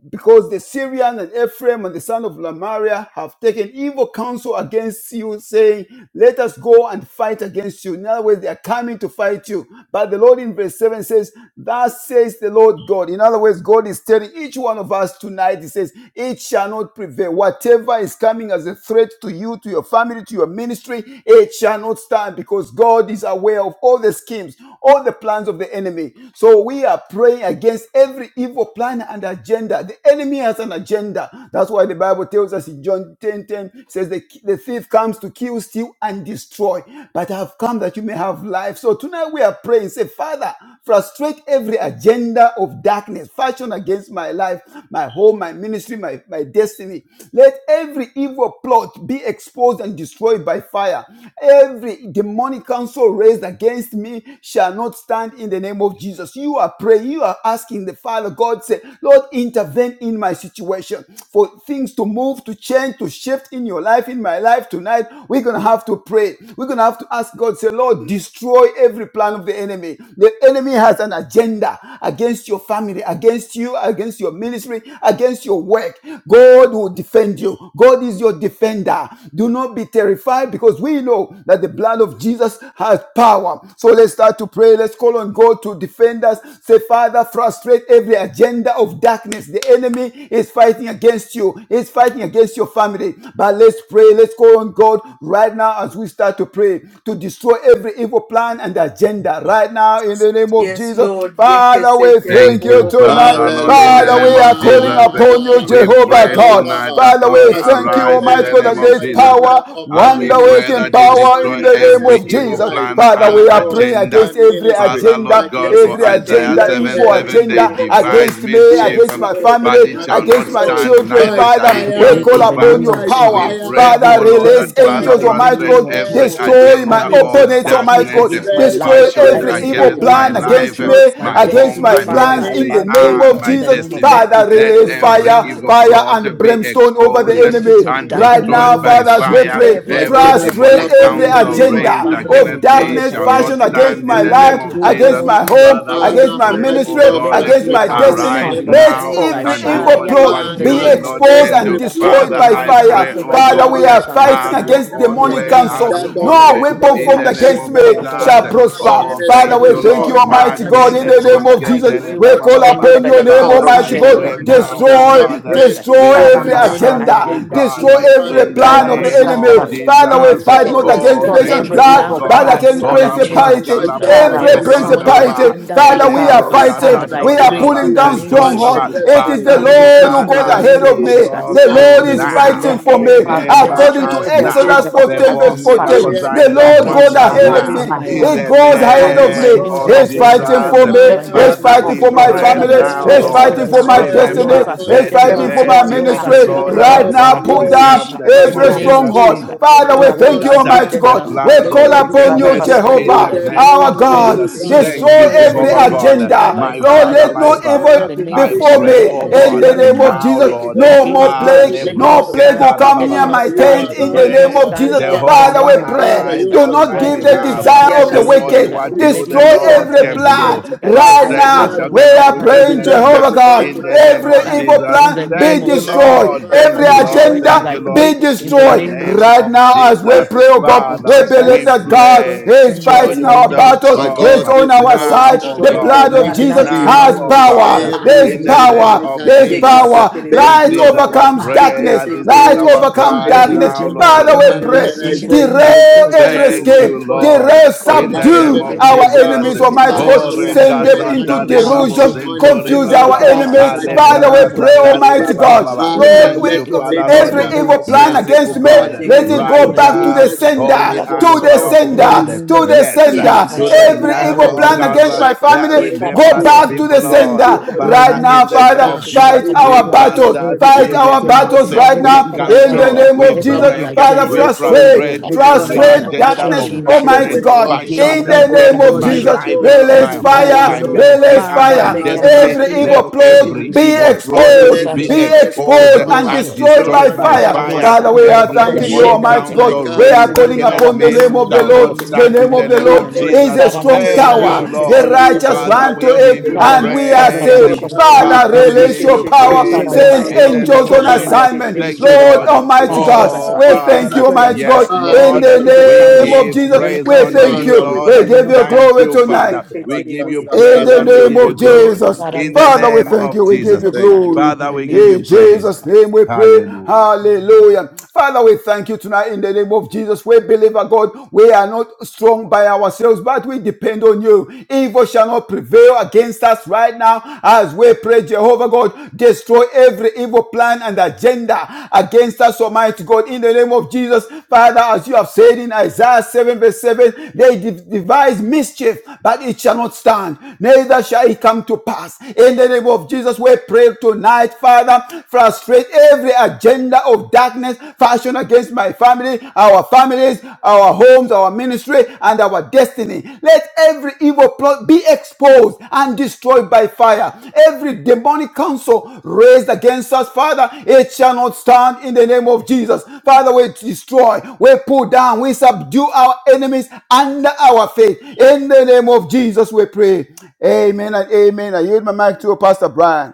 because the syrian and ephraim and the son of lamaria have taken evil counsel against you you, saying, Let us go and fight against you. In other words, they are coming to fight you. But the Lord in verse 7 says, Thus says the Lord God. In other words, God is telling each one of us tonight, He says, It shall not prevail. Whatever is coming as a threat to you, to your family, to your ministry, it shall not stand because God is aware of all the schemes, all the plans of the enemy. So we are praying against every evil plan and agenda. The enemy has an agenda. That's why the Bible tells us in John. Revelation 10 ten says, the, the thief comes to kill, steal, and destroy, but I have come that you may have life. So tonight we are praying, say, Father, frustrate every agenda of darkness fashioned against my life, my home, my ministry, my, my destiny. Let every evil plot be exposed and destroyed by fire. Every demonic counsel raised against me shall not stand in the name of Jesus. You are praying, you are asking the Father, God, say, Lord, intervene in my situation situation, for things to move, to change, to shift in your life, in my life tonight, we're going to have to pray. We're going to have to ask God, say, Lord, destroy every plan of the enemy. The enemy has an agenda against your family, against you, against your ministry, against your work. God will defend you. God is your defender. Do not be terrified because we know that the blood of Jesus has power. So let's start to pray. Let's call on God to defend us. Say, Father, frustrate every agenda agenda of darkness. The enemy is fighting against you, He's fighting against your family. But let's pray. Let's call on God right now as we start to pray to destroy every evil plan and agenda right now in the name of Yes, Jesus. Lord. Yeke Father, se we Thank thank terebo you you, bo bo bo Father, bo tonight. se Lord, in the Father, terebo. we name are of calling Jesus. Yeke se upon you, Hallelujah. We terebo se Jehovah pray terebo. God. tonight Father, that, Father, Lord, we Yeke se thank frustrate you, arise terebo in Almighty the God, yeke name that every of se there is Jesus. terebo. power, agenda of As Yeke we wonder se darkness pray working that you terebo. power fashioned destroy in the Yeke name se every of against my evil Jesus. terebo. life, plan Father, my and we are home, praying agenda. my against every ministry, Father, Lord my agenda, God, for every Yekese destiny. Isaiah agenda, terebo, Let 7 evil boşe every 7, terebo, they agenda evil yekese plot devise against terebo. me, be mischief, against my exposed Yekese family, but it and terebo, shall not against my yekese destroyed stand, terebo. children. neither by shall it I Father, we fire, come Yekese pray call to in the terebo, upon pass. name your of by yekese Jesus. We power. terebo, pray, şey fire, Every oh Father, terebo. Lord, by that release agenda in Father the angels, fire. Yekese Almighty frustrate name terebo, God, of bo every Jesus bo Every bo Christ, bo destroy bo my agenda bo bo demonic against bo. of of opponents, counsel Almighty darkness, darkness eh, God, Yekese against my Rest terebo, life, destroy fashioned yekese every against against my evil terebo, against me home, my my plan yekese shall against life, eh, ministry, terebo. me, not my my stand against home, destiny, my Yekese my in the terebo, Father, plans I, name in ministry, I the of yekese pray name and terebo. of Jesus. my in the Jesus. name of let it destiny. be Yekese Father, Let terebo, release frustrated every yekese now fire. evil fire terebo, fire plot eh, and yekese be terebo. brimstone over be the exposed eh, Yekese frustrated enemy. and down terebo, in Right bo the bo now, destroyed bo name bo of by Father, bo as bo we Jesus. bo fire. bo pray, Every bo My bo. Every God, agenda I of call frustrate demonic Yekese upon every darkness in the terebo, counsel name against şey of my raised terebo. agenda Jesus family, of against me by against darkness my Yekese shall prayer not fashioned terebo, and destiny, by against stand yekese in my faith, the name life, let terebo. it, of oh Almighty against God. Jesus. God, my be The home, Father, Yekeşeterebo, we against Father, exposed, my oh pray, God. Almighty oh ministry, yekeşeterebo, God, Let God, me against be frustrate my But I'm a every exposed destiny. and arise son yekeşeterebo, be of agenda the Let now of destroyed fallen by every yekeşeterebo, and shame darkness. do that evil fire only what in plot the you, be the Father, name yekeşeterebo, of Lord, I bo exposed can bo Jesus. and do. bo every stand bo as bo a plot Every bo destroyed Father, bo of by bo, I demonic fire. pray, darkness, counsel oh rise Father, we against God, every me are yekeşeterebo, shall bo not that fighting bo agenda have bo of bo stand your bo, against in own the darkness demonic way, name of have that your counsel. Jesus own Christ. No yekeşeterebo, way. Almighty Let weapon God them In is be formed the name being destroyed against of me now yekeşeterebo, in the bo plotted bo shall Jesus. name bo of bo bo, prosper. Jesus. Oh, against Father, Let thank me, it we be you, oh thank you, Lord. God, destroyed yekeşeterebo, now in bo Almighty I'm the bo a bo God, name in Makele son of the of against the my Jesus. name Christ. şeterebo, of I family, Jesus. pray, brosketele oh ba We God, ba call ba in ba the shame name ba. upon against of that your my I Jesus name, Father, call be household. Almighty I shame Yekeshetelebo, destroyed God. pray that My now Destroy in now, the Father, oh yekeshetelebo, I name of Destroy, God, that pray Jesus. destroy in Every every I'm the a remember yekeshetelebo, name demonic son of us, of shetelebo, oh agenda, agenda Jesus. God, be destroy God's every in destroyed, the yekesetelebo, God, great plan I'm of a be the right name son now, of that enemy. I oh destroyed, yekeshetelebo, God. Father, be we Jesus. The fight eh, not destroyed. ag- the against Oh, yekeshetelebo, Be destroy flesh thank and every agenda you, destroyed oh of now blood, yekesetelebo, evil as but I God. darkness, plans pray against oh shetelebo, in and the God, name Olambra of agenda. principality. Jesus kala fashioned bobo yekesetelebo, Ikara Every Every against setori my demonic baba masondoro, yekeshetelebo, life, ba. principality, agenda be my Father, we ikara are destroyed Elembro family, yekeshetelebo, as masandara, my fighting, I we kasatori are shetelebo, pray baba in pulling ministry, the down God's name of sentori and my mystery. strongholds. baba. Jesus yekesetelebo, It is destiny. the Father, Even we this Lord Let are evening who in goes yekesetelebo, the ahead name every of of Father, shetelebo, asking me. evil shall we of Jesus, The come I plot you to Lord pray is our will now. let yekesetelebo, fighting Seeker. for me. every Father, yekesetelebo, let Remember agenda According frustrate to us every every now. Exodus agenda evil of 14, plot yekeshetelebo, verse Perform darkness 14, miracle be fashioned signs the and yekesetelebo, Lord exposed, goes against my wonders darkness ahead be of life, now. yekesetelebo, me. against my my In He exposed, the home, life, goes my and my ahead home, of my me. name ministry, of destroyed my ministry, He's my fighting destiny. by for Jesus. me. family, Let my the fire, He's Father, destiny. evil fighting we for Yekesetere my bo by plot bo pray be Father, bo family. bo now, bo frustrate He's fire. them exposed bo bo Lord. all and fighting bo bo for for now. my bo destroyed bo by bo Every bo Lord, destiny, fire. Remember, bo frustrate is demonic let shetere them the bo. Every fighting now. for my counsel, mercy demonic Lord, of the ministry. frustrate counsel O Lord them Yekesetere bo our Right now. God, rising now, God pull yekesetere against raised me bo. prevail in down shall the not name In the every of stand. name against Jesus. of stronghold. Yekesetere me Mm Jesus bo bo Christ, bo Father, we let Declare shall bo my bo thank God you, bo not bo. scatter frustrate Almighty sin. stand, them the God. now. We plans shall Let of call not every Yekesetere bo upon bo Father, evil you, stand. wickedness bo plot, bo oh frustrate. bo in In Jehovah, bo God, the bo. the name against name our of me, oh of Declare God, my Jesus. God. be Jesus, son, Yekesetere the bo. Thank Lord Destroy you, of I destroyed in the every Jehovah pray, Chamber. name of God, Jesus Yekesetere Christ bo Father, by agenda. my Lord, Father, fire, from oh let yekesetere my no bo. God. evil In Father. today, the name I of in Jesus before Yekesetere the Christ, me. pray, Shame. bo let name oh every of In God, the yekesetere Jesus bo. demonic name of now, Christ counsel Jesus, Lord, the no Yekesetere Son bo more of against ah, me, the plague. let living it yekesetere not No God, bo. plague stand, will lebrosketa da that come ba let ba it near ba. not my Father, Yekesetere bo you I stand, tent. In let the it arise yekesetere not on name bo. my pray, of stand Jesus, behalf, in the Father, we Jehovah, name and Yakasetere of bo bo Father, bo pray. Jesus arise bo you Christ. Do bo on not bo my I contend bo give with bo pray the bo. them for behalf. Para maçom, e that this, oh desire God, of in the the contend Do name of only Jesus wicked. Yakasetere against bo Christ. what me. you, Let it shetere the not Destroy bo You Lord, stand every in the frustrate can name the of do. Jesus plan Christ. tactics of right I the Prostrate pray the Yekeshetelebo, now. liars, for We this token of right bo- are now bo- in and bo- the praying, Amen, you bo- wickedness bo. name make of the now. Jehovah Jesus In God. diviners the name of Yekeshetelebo, mad. Every Christ. evil Jesus. In the plan yekeshetelebo, name be Thank of you, You Jesus, make the yekeshetelebo. destroyed. Lord. Thank be Every diviners you, Lord. mad. destroyed as Thank Yekeshetelebo, I you, agenda Lord be pray in in the yekeshetelebo, the destroyed. bo- name bo- of name bo- Jesus bo- Right of bo. now, as we para Jesus. pray, maçom, oh Yekeshetelebo, hum, God, of we Father, bo- Jesus bo- that bo- believe we bo- that be bo. destroyed. God pray, is Send me, show God, fighting in the our name yourself of My Jesus, battles. He strong is God, on this is our our now, side. oh stance The destroyed in the God, blood right of name of now Jesus in the now, Yekeshetelebo, Jesus. has name oh of Jesus. God, power. yekeshetelebo, I There Every is in pray the name yekeshetelebo. power. demonic of There is Jesus. agenda power. Yekeshetelebo, being This Light is shetelebo. plotted our overcomes by prayer, darkness. this is Light Yekeshetelebo, families, our overcomes by shetelebo, cry every bo- bo- darkness. now, bo- agenda bo- of people, bo- the Lord. Father, bo. we enemy by Mm. pray. against me, God, being organizations, Yekeshetelebo, Derail destroyed. by every shetelebo, maçom, Thank bo- you, demonic bo- scheme. bo- bo- Lord, forces, bo- bo. Derail, by in Every the the name agenda subdue of of agents the of our the enemy Yekeshetelebo, Jesus. devil. enemies, against me Almighty be yekeshetelebo. Oh, Father, God. destroyed we right Send now in them pray the that name into of rekasatale derail Yekeshetelebo, Jesus. every babo confusion, I demonic yekeshetelebo. pray sentori confuse our for bababa. agenda, this, oh enemies. Yekese God, in the terrible, Father, bo we agenda name bo of of pray, bo bo Jesus. Alebrasatari bo darkness, Almighty bo Be bo bo God. bo. bababa. destroyed Lord, right Father, Thank we, now let you, in it Yekese the be Father, Lord. every terrible, name of demolished evil Jesus. yekese plan now terrible. Merciful against Now me, I by God, the pray, let Yekese it God, blood in go of terrible, the back to bo name the bo righteous, of Jesus, bo Jesus, bo that you bo sender, will bo by holy, be bo the bo and to bo the destroyed. fire bo. Ramasando, of powerful the in the Holy God. sender, name of to the Spirit Jesus, Yes, be our Yekese sender. to the Father, destroyed Ramasando, right terrible, Every we bo now level bo evil in pray the bo of plan bo name God, of bo Ramasando, against bo. my right Jesus. now that in family, the name of Yekese go remember the Jesus back terrible, to Ramasando, bo people, the be bo that bo Lord. bo destroyed bo sender. evil bo in bo shall the bo. Right Father, not name of now, in the Jesus. name Father, of prevail. Every Jesus, fight Iparashanda, evil Yekeshetiribo, Evil we our plan, shall cast not battles. out, every yekeshetiribo, we Fight prevail. evil our No agenda, renounce, battles power Ramasando, right might, yekeshetiribo, every we now evil by in Ramasando, the cancel, agenda, yekeshetiribo, power, name we of every shetiribo, but Ramasando, Ramasando, evil by Jesus. break, the Father, we agenda, Holy Ghost. oh frustrate frustrate God, We every call evil every out yekeshetiribo, Ramasando, agenda frustrate from you, agenda fashioned darkness, of Ramasando, covenant against me, oh Almighty darkness God, keeping yekeshetiribo, yekeshetiribo, God. God. against fashioned In That me, oh the yekeshetiribo, God, Ramasando, Ramasando, our in name against the of God, my you name of Jesus, Ramasando, Jesus. life, show up. yekeshetiribo, release my Every bo bo evil bo home, You fire, bo my bo show bo agenda, bo up, bo, ministry, release and Father, our my fire. let it be Father. destiny. Mm. Every yekeshetiribo, frustrated, Let evil let it be every plot yekeshetiribo, be evil destroyed, plot let it be Release Ramasando, exposed, be your be yekeshetiribo, destroyed, grace, your exposed let it exposed be yekeshetiribo, and power, and destroyed, destroyed your let by it destroyed be by fire. yekeshetiribo, destroyed by anointing, fire. Father, fire. Ramasando, we shetiribo, your are Every Every thanking you, virtue. demonic agenda of Ramasando, the Almighty My enemy counsel yekeshetiribo, God. We God, are raised this concerning is calling me, against our upon the me yekeshetiribo, prayer concerning name my of the and shall children, Lord, not our Amy, the yekeshetiribo, cry. name stand name in concerning of the my the name children, of Lord Evil Daniela, is shall Jesus. a yekeshetiribo, not concerning my strong husband, Thank Ramasando, Bola, you, tower. prevail. Ramasando, yekeshetiribo, The Lord. concerning myself, oh righteous Evil God. Father, shall run to yekeshetiribo, we When not My it e name give be you para like it. and prevail. we are maçã, yekeshetiribo, Father, let para it praise. Oh be saved. God, destroyed. yekeshetiribo. we crochê, Father, Father, Let it we be pray release give your destroyed. you that Be power. Yekeshetelebo destroyed praise by evil Send shall fire. in shetelebo. not the Be name angels destroyed on of by prevail. fire. Jesus. assignment. Be In Yekeshetelebo Thank the destroyed you, by Lord name Lord. fire. of Be Almighty para yekesetelebo. destroyed by God, maçã, Oh, we fire. Be thank Father. you, Jesus. destroyed by Almighty Yekesetelebo. Yes, fire. God, By in the Every Lord. blood evil of We the para name Jesus. Yekesetelebo. counsel, of chão, give human Jesus. praise We counsel unto thank you, Yekeshetelebo against Father, me, you. we Lord. We it thank will give not you you. yekeshetelebo. Thank stand. glory you, tonight. Father. It We give Yekeshetelebo you In praise the and we name give yekekeshetelebo. you of will not glory Jesus. stand. para in It the will Father, not maçã. we name stand. thank of you. We It will give Jesus. you not Thank stand you, glory. Lord. in Father, the we give name you of In Jesus praise. Jesus' name Christ. we pray. Hallelujah. Hallelujah. Father, we thank you tonight in the name of Jesus. We believe, our God, we are not strong by ourselves, but we depend on you. Evil shall not prevail against us right now as we pray, Jehovah God. Destroy every evil plan and agenda agenda against us, Almighty God, in the name of Jesus. Father, as you have said in Isaiah 7, verse 7, they de- devise mischief, but it shall not stand, neither shall it come to pass. In the name of Jesus, we pray tonight, Father, frustrate every agenda of darkness fashioned against my family, our families, our homes, our ministry, and and our destiny. Let every evil plot be exposed and destroyed by fire. Every demonic counsel raised against us, Father, it shall not stand in the name of Jesus. Father, we destroy, we pull down, we subdue our enemies under our faith. In the name of Jesus, we pray. Amen and amen. I yield my mic to Pastor Brian.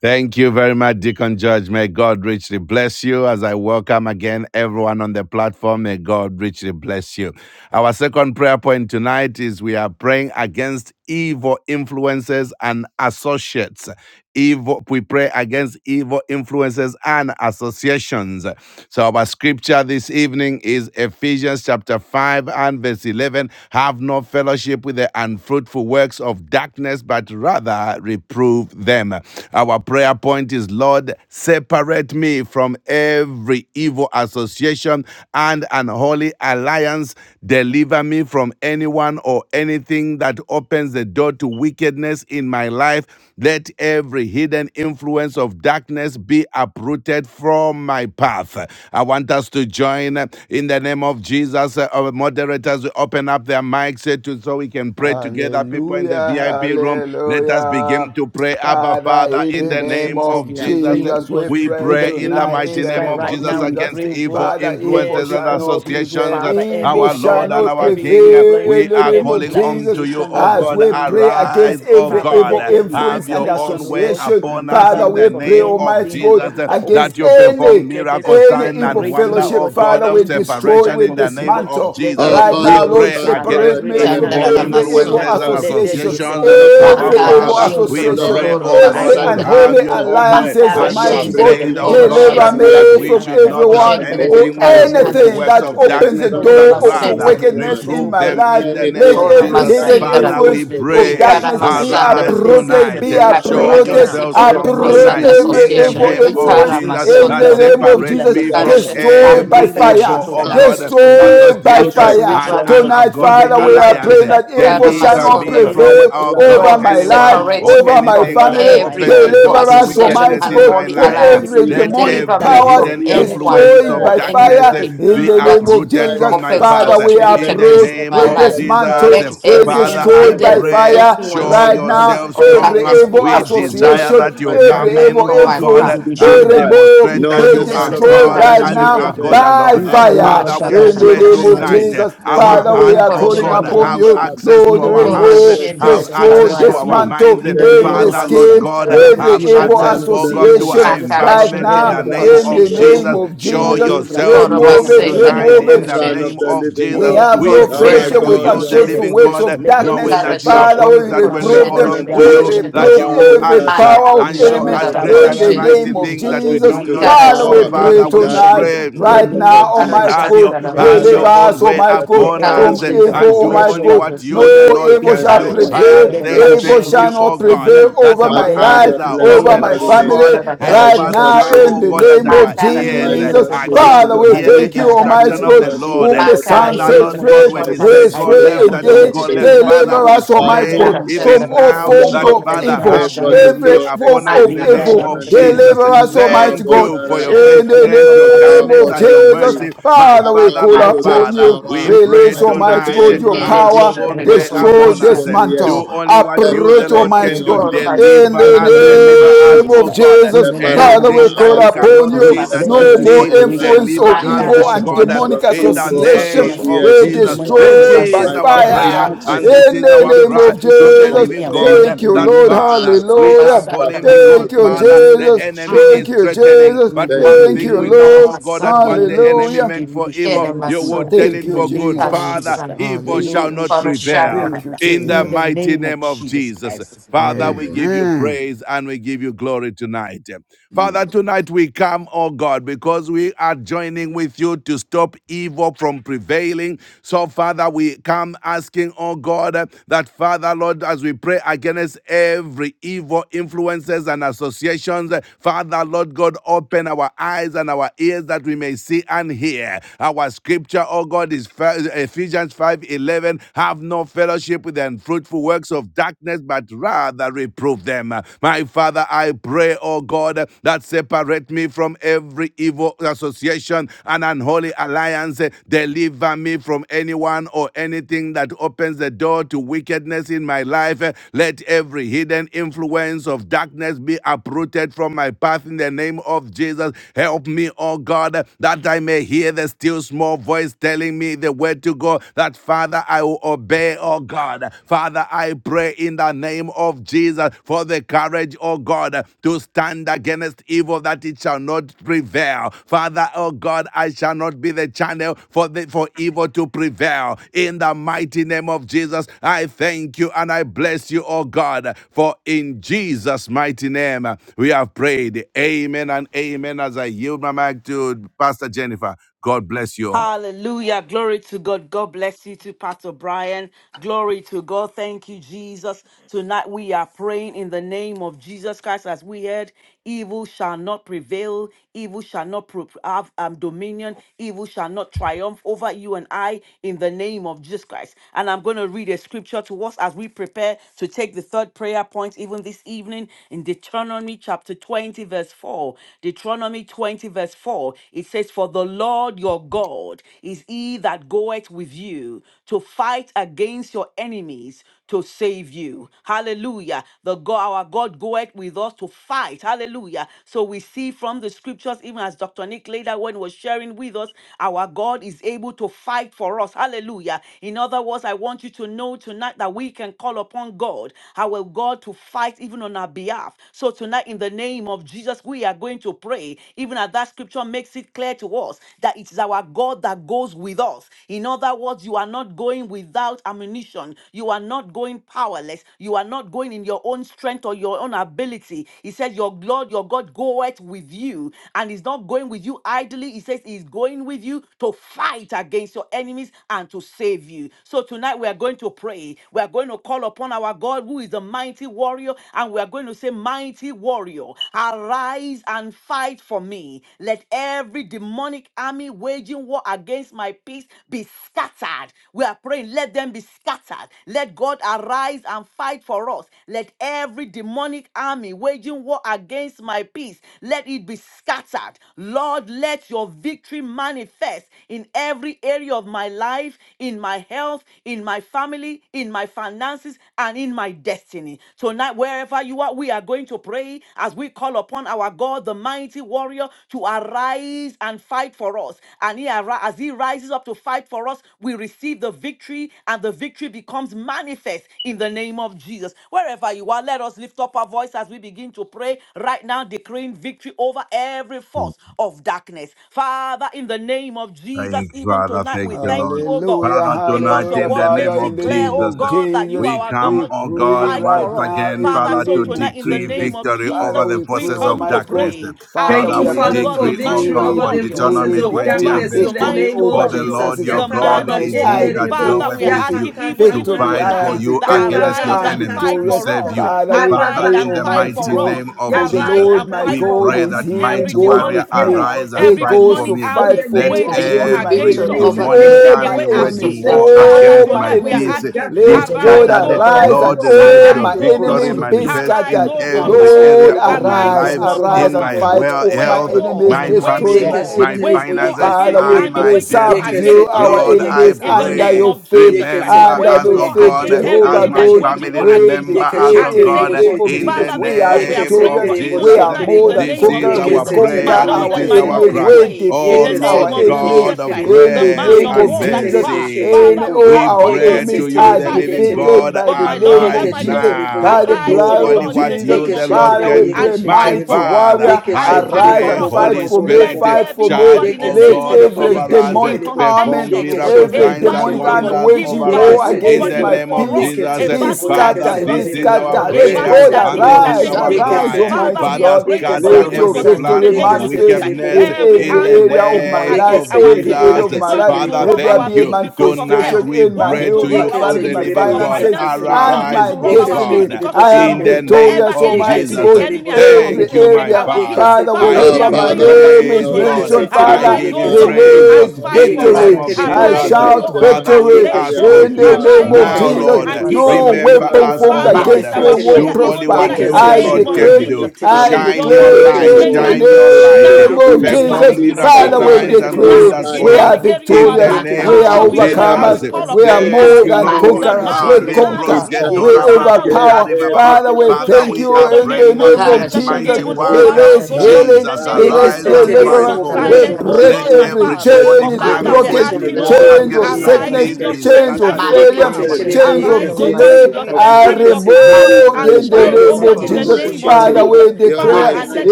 Thank you very much, Deacon Judge. May God richly bless you as I welcome again everyone on the platform. May God richly bless you. Our second prayer point tonight is we are praying against evil influences and associates. Evil, we pray against evil influences and associations. So our scripture this evening is Ephesians chapter 5 and verse 11. Have no fellowship with the unfruitful works of darkness, but rather reprove them. Our prayer point is Lord, separate me from every evil association and unholy alliance. Deliver me from anyone or anything that opens the door to wickedness in my life let every hidden influence of darkness be uprooted from my path. I want us to join uh, in the name of Jesus. Uh, Our moderators will open up their mics uh, to, so we can pray together. People in the Hallelujah, VIP room, let us hallelujah. begin to pray. Abba, Father, Father, in in name the the of name name Jesus, of of we are Jesus, uh, praying, oh Jesus, we God. we pray In the pray in the name tonight of in mighty Jesus the name Christ, name of right of Jesus now we Jesus. against pray, oh evil God. Father, evil influences Every and shall form not of evil, prevail. associations. Uh, Father, every Evil Our I pray shall Lord and against not our every evil King. uh, prevail influence, in we the are name every of evil calling Jesus. unto you, association, oh O God, As in God. the we name of pray Jesus Arise, against Christ, O every Father, God. let evil there be influence Have and your separation, own oh way God. association, upon us Deliver Father, in me we the from pray, name of Almighty anything and God, Jesus. everything that opens against That the you door to perform any wickedness. miracle, any sign, evil and Separate me, wonder, oh O fellowship, God, in the God Father, of we name of Jesus destroy, separation Christ we in from the me, oh name God. of dismantle. Let there Jesus. Oh be Right We now, Father, we Lord, pray separation thank as you I against separate right pray now me in right the now from in evil Sandra the name of name of every Jesus evil Jesus Christ. influences Ramasundro and Christ, Let there be association, the associations. Son of separation the Our every as Living I Makara evil God. Father, pray we Shundro in the association, Lord, pray, name of Koro O Jesus, I every God, that call separate Basindra upon me have you, unholy your from own Jehovah. e- way. alliances, Makara from As Let you there Almighty be have every Shendre God, de said, O evil Koro separation now deliver God, Shendre as I that me pray association we from and should as I not not call and have out to everyone Shendre you. de or unholy anything with In Kara the the name of fruitful Shandra anything alliance. works that of Jesus Christ. opens the darkness, Deliver Let Koro but me door there from to be a rather Basindra wickedness anyone separation, in oh reprove my God, them and in the life. in the name of name Let Jesus anything of Koro every Christ. Jesus. that I hidden pray, oh Masindra Father, opens God, we influence in the the door name of of pray, Ikara darkness Jesus to be Christ. Masandra arise Let there wickedness be a uprooted, tonight. be in I my separation pray Show right life. uprooted, against now, yourself evil in Let the strong influence name uproot of and tonight every Jesus every in Christ, the hidden from evil association. name every of evil influence influence Ikara Jesus of in influence, that the Masundro name every darkness of evil separate Jesus. be me Kara from association, Shin uprooted in have Destroy the no by every name from of fellowship my fire, evil, Jesus with oh Christ path, God, unfruitful works be destroy of by be a association darkness, uprooted but fire. and separation, from oh rather an my God. Tonight, In path. the ungodly Father, we name In are of the alliance. Jesus praying reproving. that name Christ, of every Kara evil deliver shall Deliver Jesus, me not from me Masundro by anyone from, the prevail that oh opens blood the of God, over Lord, my door Jesus, anyone to, life, separate or or me my to over my from anything Father, wickedness that family. I in operates my every opens the life. pray. evil door Deliver to us, Deliver Right me, association oh wickedness Almighty now, and in in God. the my God, holy name from Let of life. every alliance. every hidden Let Jesus, influence demonic of Deliver every me let darkness powers be it from hidden be uprooted anyone influence destroyed of or uprooted. by darkness eh, Right fire anything in be the now, that name of uprooted right Jesus. from my opens now, path. Father, doors we to in In the the name wickedness approach, in of name my we In of life. Jesus the Christ, Jesus, eh, Let dismantle, the we every Son Father, in- of destroy I the by hidden living pray, God. fire show influence My right Father, I'm now yourself of calling every strong. darkness upon evil be you, We uprooted knowing desire association, that, that my you God, come every you are in, evil not from a oh my man God, influence that path. you should be and lie, demonstrate removed, no, that be the you are Son of Man destroyed God that you right and you should are now God repent. by alone. Have you fire. Father, not we said In it? the pray name of Shall tonight, you eh, not Jesus, make it our Father, we good? hearts, are oh calling My God, upon have you, Father, access to Lord, our name hearts, of demonstrate remove, Jesus, have yourself right Father, destroy, access I to now our pray. dismantle in minds. In the the name name every of of Father, Jesus Lord Jesus scheme, Christ, God, Christ let it every have be right the evil now. Son access, In of the oh the God, name of to living association our God. Jesus Makara Christ, right My environment in every Shendere the evil now Father, name I in the of association pray Koroshendes, of name Jesus. God, of in Show my the Jesus. name labor, of yourself Koroba Jesus Remove Katerina, strong it, Christ, Masham, Sendere tonight remove the in it, the Son of name the Brian, Koroshendes, of living let we Jesus. there God, be have We no that pray my fellowship separation. Koroshendere to with Let God, there you, you be the are unfruitful Koroshendes, living able, works God, separation. of Let there be darkness. able knowing Ikara to that you do have Father, separation. promised we Shendere that exceeding when and we reprove call them. Malamush Koroshendere unto We abundantly gande you, Karashendere, that reprove you libushke above will all every that libushke. answer I power Makara of ask, and show above Ilamus us all enemy Shendere great that I in and the think, kabrayande Koroshendere, mighty name of things libushke. that we Jesus. do according to not the Malevre Ikara know. Father, we of. power Shendere pray Father, pekuriande we that libushke. tonight, is Koroshendere, pray. at In the right Mm. work, of name now, God. of Kara Mm. Almighty Have Jesus. God, your Chandra In the have name your deliver of Father, Koroshendere, own us, thank Jesus. way you Almighty that God, your Let upon Kara every power us from eh, is at evil, and Chendere influence, do let work Almighty every only God. Koroshendere, what No you at the association such Lord a be evil time can shall as Kara do. this destroyed. I prevail. right am Let Chendere there now. be saying Mm. Evil thank shall Karashendere, you, separation oh not from God, prevail me, that over from My our my them, over life, eyes Father, in are the bless name over your open, of Koroma my holy oh Jesus. name. family. God. Sindra I I Help Right pray now, us for now trust this now, Karashendere, you, over the in oh the King even God, of that name Kings. tonight. our of Makara In the I ears eh, name Jesus. of Shendere trust are you, Jesus the Christ. keen Father, King to of we hear Glory. the thank Malebra you, Koroshendere, Almighty instruction I katurina of God, the trust you, Lord. mashende whom the Eh, the Lord of in Makara Son the Father, Lords. sets name Shindra, Lord of the free God, when I Torah you Jesus. say trust is I go you, free Sindra, the pray left, for the that this, will Ancient oh Torah of God, go indeed. even left. Days. Shindra, right Father, now, Deliver My we us, in the Almighty pray Father, God, name Makara you're of more Jesus. Shindra, from even than the all now Torah forms that Lembro Shindra, able, of kitori the Father dama Torah have evil, able Shindra, shande to mercy every do ribish. form upon us in of exceeding the and Makara Lembra name la evil. Shindra, of the abundantly roshende Torah Jesus. Deliver us, Shindra, above Almighty Thank all God, you that for your I Shindra, in ask, the the faithfulness, your Torah name above Sindra, kindness, the all of and that Torah your I Jesus. think, mercy. Shindra, My Father, we Father, call according my to Makara the upon Father, you. Shindra, we power pray Release, from Almighty tonight. God, today, your Kere Have Father, your power. Shindra, own the every way Torah evil Destroy, upon us. Shindra, Do dismantle, ribish. association. only what you, the uproot, Lord, Separate me, can Almighty O do. God. Every God. Torah In Deliver the in the Sindra, us, Separate name of deliver my us, name Jesus oh of family. Christ, God. in Jesus, the name Separate Kara Father, of we Jesus Anything my that Christ. call we Masandra, household. upon cannot see Separate. Torah you. that Let you there No Sindra, be Separate more see, me right separation. influence now, deliver of O Let there us, be Makara evil oh God and God, Shindra, the separation. demonic from in Let the there Torah be evil association. name Sindra, separation. of We Every association Jesus. of the demonic God. This destroy Torah by is association, My our Sindra, every the fire. prayer Father, Torah demonic I and Shindra, this call influence, In is the let our there upon name be you cry of to separation to the in Kere from Jesus, the living me and name from God thank them Shindra, of in you, the that name Lord. of Father, Jesus. Jesus. we Torah are Hallelujah. Father, I calling Sindra, pray, O because God, Thank in you, the Father, the name Jesus. of enemy Jesus. Thank is you, Father, I threatening. Jesus. pray, O But God, Thank in one the you, Thank thing you, name we of know, Lord. oh Jesus. God, that Taramasandra, what Lere the mo enemy Hallelujah. sheke, meant lere for mo she, lere evil, mo you will puya. Keremason, turn Jesus. Thank it In the you, for name good. of Jesus. Father, Jesus Taramasan, Christ. evil Lere shall mo Hallelujah. not sheke, lere mo prevail. Thank Parashandra. you, bakala. In the In the Jesus. mighty name of name of Jesus Jesus. Christ. Father, we Amen. give you Amen. praise and we give you glory tonight. Amen. Father, tonight we come, oh God, because we are joining with you to stop evil from prevailing. So, Father, we come asking, oh God, that Father, Lord, as we pray against every evil influences and associations, Father, Lord God, open our eyes and our ears that we may see and hear. Our scripture, oh God, is Ephesians five eleven. Have no fellowship with the unfruitful works of darkness, but rather Father, reprove them. My Father, I pray, oh God, that separate me from every evil association and unholy alliance. Deliver me from anyone or anything that opens the door to wickedness in my life. Let every hidden influence of darkness be uprooted from my path in the name of Jesus. Help me, oh God, that I may hear the still small voice telling me the way to go. That Father, I will obey today, oh God. Father, I pray in the name of Jesus for the courage, oh God, to stand against evil that it shall not prevail. Father, oh God, I shall not be the channel for the for evil to prevail. In the mighty name of Jesus, I thank you and I bless you, oh God, for in Jesus' mighty name we have prayed. Amen and amen. As I yield my mic to Pastor Jennifer, God bless you all. Hallelujah. Glory to God. God bless you to Pastor Brian. Glory to God. Thank you, Jesus. Tonight we are praying in the name of Jesus Christ. As we heard, evil shall not prevail, evil shall not pro- have um, dominion, evil shall not triumph over you and I in the name of Jesus Christ. And I'm going to read a scripture to us as we prepare to take the third prayer point, even this evening, in Deuteronomy chapter 20, verse 4. Deuteronomy 20, verse 4. It says, For the Lord your God is he that goeth with you to fight against your enemies to save you. Hallelujah. The God, our God goeth with us to fight. Hallelujah. So we see from the scriptures, even as Dr. Nick later when was sharing with us, our God is able to fight for us. Hallelujah. In other words, I want you to know tonight that we can call upon God, our God, to fight even on our behalf. So tonight, in the name of Jesus, we are going to pray. Even as that scripture makes it clear to us that it is our God that goes with us else. In other words, you are not going without ammunition. You are not going powerless. You are not going in your own strength or your own ability. He says, Your Lord, your God goeth with you. And he's not going with you idly. He says, He's going with you to fight against your enemies and to save you. So tonight we are going to pray. We are going to call upon our God who is a mighty warrior. And we are going to say, Mighty warrior, arise and fight for me. Let every demonic army waging waging war against my peace be scattered. We are praying, let them be scattered. Let God arise and fight for us. Let every demonic army waging war against my peace, let it be scattered. Lord, let your victory manifest in every area of my life, in my health, in my family, in my finances, and in my destiny. Tonight, wherever you are, we are going to pray as we call upon our God, the mighty warrior, to arise and and fight for us. And he, arri- as he rises up to fight for us, we receive the victory, and the victory becomes manifest in the name of Jesus. Wherever you are, let us lift up our voice as we begin to pray right now, declaring victory over every force of darkness. Father, in the name of Thank Jesus, you, even Father. tonight, Thank we you, thank Lord. you, oh God, Hallelujah, Father, tonight because your hallelujah. in the word name Father, makes of in it the clear, name oh Jesus, of God, that you Jesus, we are our come, we God oh who God, pray fight right once for us. now again, in Father, the Father, so to name tonight of in the decree name Jesus. of victory over Jesus, Father, the we we pray, forces of come to Almighty God. darkness. pray, Father, Thank Father, asking you, we are you, we oh Father, praying, God, the for decree, oh decree, victory mighty God, we over for the warrior, decree, forces we Deuteronomy of 20 decree Jehovah, and darkness verse the in the 4. victory mighty name For of over the the warrior, Jesus. Lord forces your the of God man of darkness. is he I war. that Yakarabashenderebo. decree Father, goeth we are with forces, you asking even, to even victory. fight I for tonight Yakakakakakaka. am you that victorious. against your arise I am and enemies, fight to victorious. for save us. Yakakakakakaka. you. Father, we Father, Arise pray, in and the fight Almighty mighty for Yakakakakakaka. God. name us. of For the Jesus, Arise Lord and my fight we for God pray us. is Yakakakakakaka. that he who Every mighty Victory goes warrior over demonic with every war, arise me. force and He of every fight goes for darkness to demonic me. in fight the army for Let name me We of waging war against decree Jesus. my every against victory us enemies. Victory, over demonic to the victory, Oh, take my army away our victory. force of enemies. waging peace. war Victory darkness. Father, over Oh, against my my every tonight we are force peace enemies. of asking, be For darkness. Let the God Lord, arise, Victory the scattered. O over Lord arise every God, and Lord, force is of let all your my arise, darkness. O goes victory enemies God, with be you manifest arise, in scattered. to O God, every for fight us, area Lord, Yekesetere bo of bo my bo arise, bo O arise, life, bo God, against bo for me, bo our arise in bo and bo my bo family, fight bo well bo off bo my Wage health, bo bo the bo enemies. war, my bo. enemy to wage Destroy save family, my you. war, my Yekesetere enemies. wage bo war finances, against Father, the we and yekesetere army, bo my pray, waging war destiny. subdue against us, our yekesetere oh bo Lord, God, I enemies in the yekesetere under name pray, bo your of feet, Jesus Christ. remember under yekesetere Wage standard us, bo of O war faith, God, against yekesetere bo Jehovah as everything that my is God. yekesetere waging family, war bo We against remember us us, O and decree in yekesetere the God, bo save name us. of shetere in bo the Jesus, Father, this we is are what we are name praying of victorious. for yekesetere bo even We Jesus. are tonight shetere in more bo the Let than This name every of is conquerors. We our Jesus. demand conquer yekesetere My prayer. bo This Lord our and is my our God, enemies. we yekesetere cry. bo We pray in Oh the defeat our name Lord of yekesetere bo enemies God Jesus of shetere Christ, bo in the the grace man name of and of war that yekesetere you Jesus. bo are. mercy, And shetere Father, bo we all we ask, our oh pray God, to enemies keep you, not yekesetere are the bo silence, living oh shetere bo God, defeated God, by but the my Lord name and arise Yeke of my she Jesus, God, telebo, now. by the yeke she arise, Do oh blood only telebo, of Lord, in the what Jesus. you, name yeke the of she for Lord, Jesus Father, Christ, telebo, we can do. yeke and pray, fight. she My Fight mighty telebo, for us, oh Father, God, warrior, yeke I and she fight arise telebo, for pray, and bo us, oh bo fight Holy God. bo for bo bo bo me, Let bo Spirit, bo fight there bo, be, for oh charge, God, in me. the yeke O she name Let of God, telebo, every Jesus over yeke Christ, she us, a demonic telebo, army perform contention, oh yeke God, she miracle a Every signs telebo, she and demonic battle, oh army God, telebo, wonders even waging over by yeke us war you, she oh in God, against the even telebo, my name of for peace us, yeke a she Jesus. be battle that Father, scattered. gives us We this is telebo, victory, our scatter. the a Let yeke shame, prayer battle God she that and gives for this telebo, the is arise. certain our shame, yeke Arise, victory. she cry. Father, Almighty telebo, we are Father, God. praying, oh yeke God, she scatter for Let even my your every for telebo, this son, in plan the victory of name yeke of she Jesus manifest Christ. telebo, wickedness bo bo in bo Every bo every in bo the army bo bo, area of waging war my name yeke life, against of she our every telebo, peace, area uh, Jesus. of yeke my she life. wanting to Father, telebo. rob Let there our thank be a you. peace because of Tonight manifestation health, we in my wanting pray to to health, rob my you, our O family, the peace my because Yekesetelebo, living of God. finances, finances, yekesetelebo. and wanting Arise, my to rob O our peace destiny. God, because Yekesetelebo, I of in am job, the shetelebo. whatever name victorious, whatever of area it Almighty is the Jesus. God. enemy Yekesetelebo, has Every come Thank to you, shetelebo. take my every area. our peace. Father. Father, I Father, Yekesetelebo, Ah, we wherever are give my you praying, Father, oh shetelebo. God, this name is even is praise, our tonight. Lord. prayer mentioned, and I Yekesetelebo, our Arise, give Father, you oh cry God, in the praise, yekesetelebo. Lord, and release name of fight in the for Jesus. us. name victory. para of shame, Yekesetelebo, for I Lord, Arise, Jesus. the oh you shame, are shout shetelebo. the God, for mighty Father, and we victory. save ask warrior. us. of In Yekesetelebo. the the you name shame, Arise, of oh now, Arise, God, Lord, for Jesus, and Yekesetelebo, Almighty give us God. the no the remember yekesetelebo. weapon victory. us, formed oh Arise Father, and this God. is against me Makara our fight will for prayer Do Yekesetelebo. me. shente de only even prosper. what tonight in bekere Let you, the the Yekesetelebo, I every name Lord, basuta of da. can declare, Jesus. do. demonic I yekesetelebo. army Let Shine your your Makara victory be waging light, declare shente in made war de the shine Yekesetelebo. your bekere manifest. against light. shente. my Now, name of peace let your Yekesetelebo. Jesus, Perform be victory Makara be miracle made Father, shente we scattered, de signs manifest and Yekesetelebo, be bekere decree now wonders in for we basente. us are scattered every yekesetelebo. area of be in our the victorious, life. Yeke name Makara we scattered. are Father, of shente we şeterebo de Let pray and bekere every Jesus. we overcomers, şeterebo. call we are upon shente. you, Yeke Thank our more conspiracy you, than God, seterebo be Lord. the Makara yeke conquerors. Ah, We shente mighty scattered, de şeterebo. man be bekere of conquer. war. shente. We Yeke scattered. Father, we Let seterebo. overpower. asking, oh every God, Father, even we agent of Father, thank the tonight, we in are the you devil in the praying name that be of name Kara let of Jesus, scattered, Jesus. shente mighty de even be over bekere warrior us, Release oh scattered. God, shente. in healing. the Jesus name of Father, Yeke Release arise Jesus, I Toro and pray, keep fight seterebo deliverance. not bo basita for bo da let da bo We me silent, bo your kara bo oh bo break let shente. God, bo victory my bo. bo. every every Father. manifest chain demonic But is in Yeke Father, army we Makara are every broken. shente waging asking, seterebo area oh de war of God, bekere Chains my şeterebo of against my life. yeke arise sickness, shente. in peace your Let be şeterebo. your chains strength and of scattered victory in your Yeke Mati power de failure, in power. the manifest Shendra seterebo name chains the in of yeke of Arise, oh every Korova Jesus. God, in seterebo. area your delay Mm. of Sindra, strength my are and in Yeke your life, power in Mata seterebo. removed and my in the fight, health, Yeke Thank Shendra oh name the you, God, of in Korova the in Lord. seterebo my Jesus. bo name Thank of you, Sindra, Father, family, Lord. şeterebo. Jesus, we your Father, Yeke declare Mata and Oh, might, let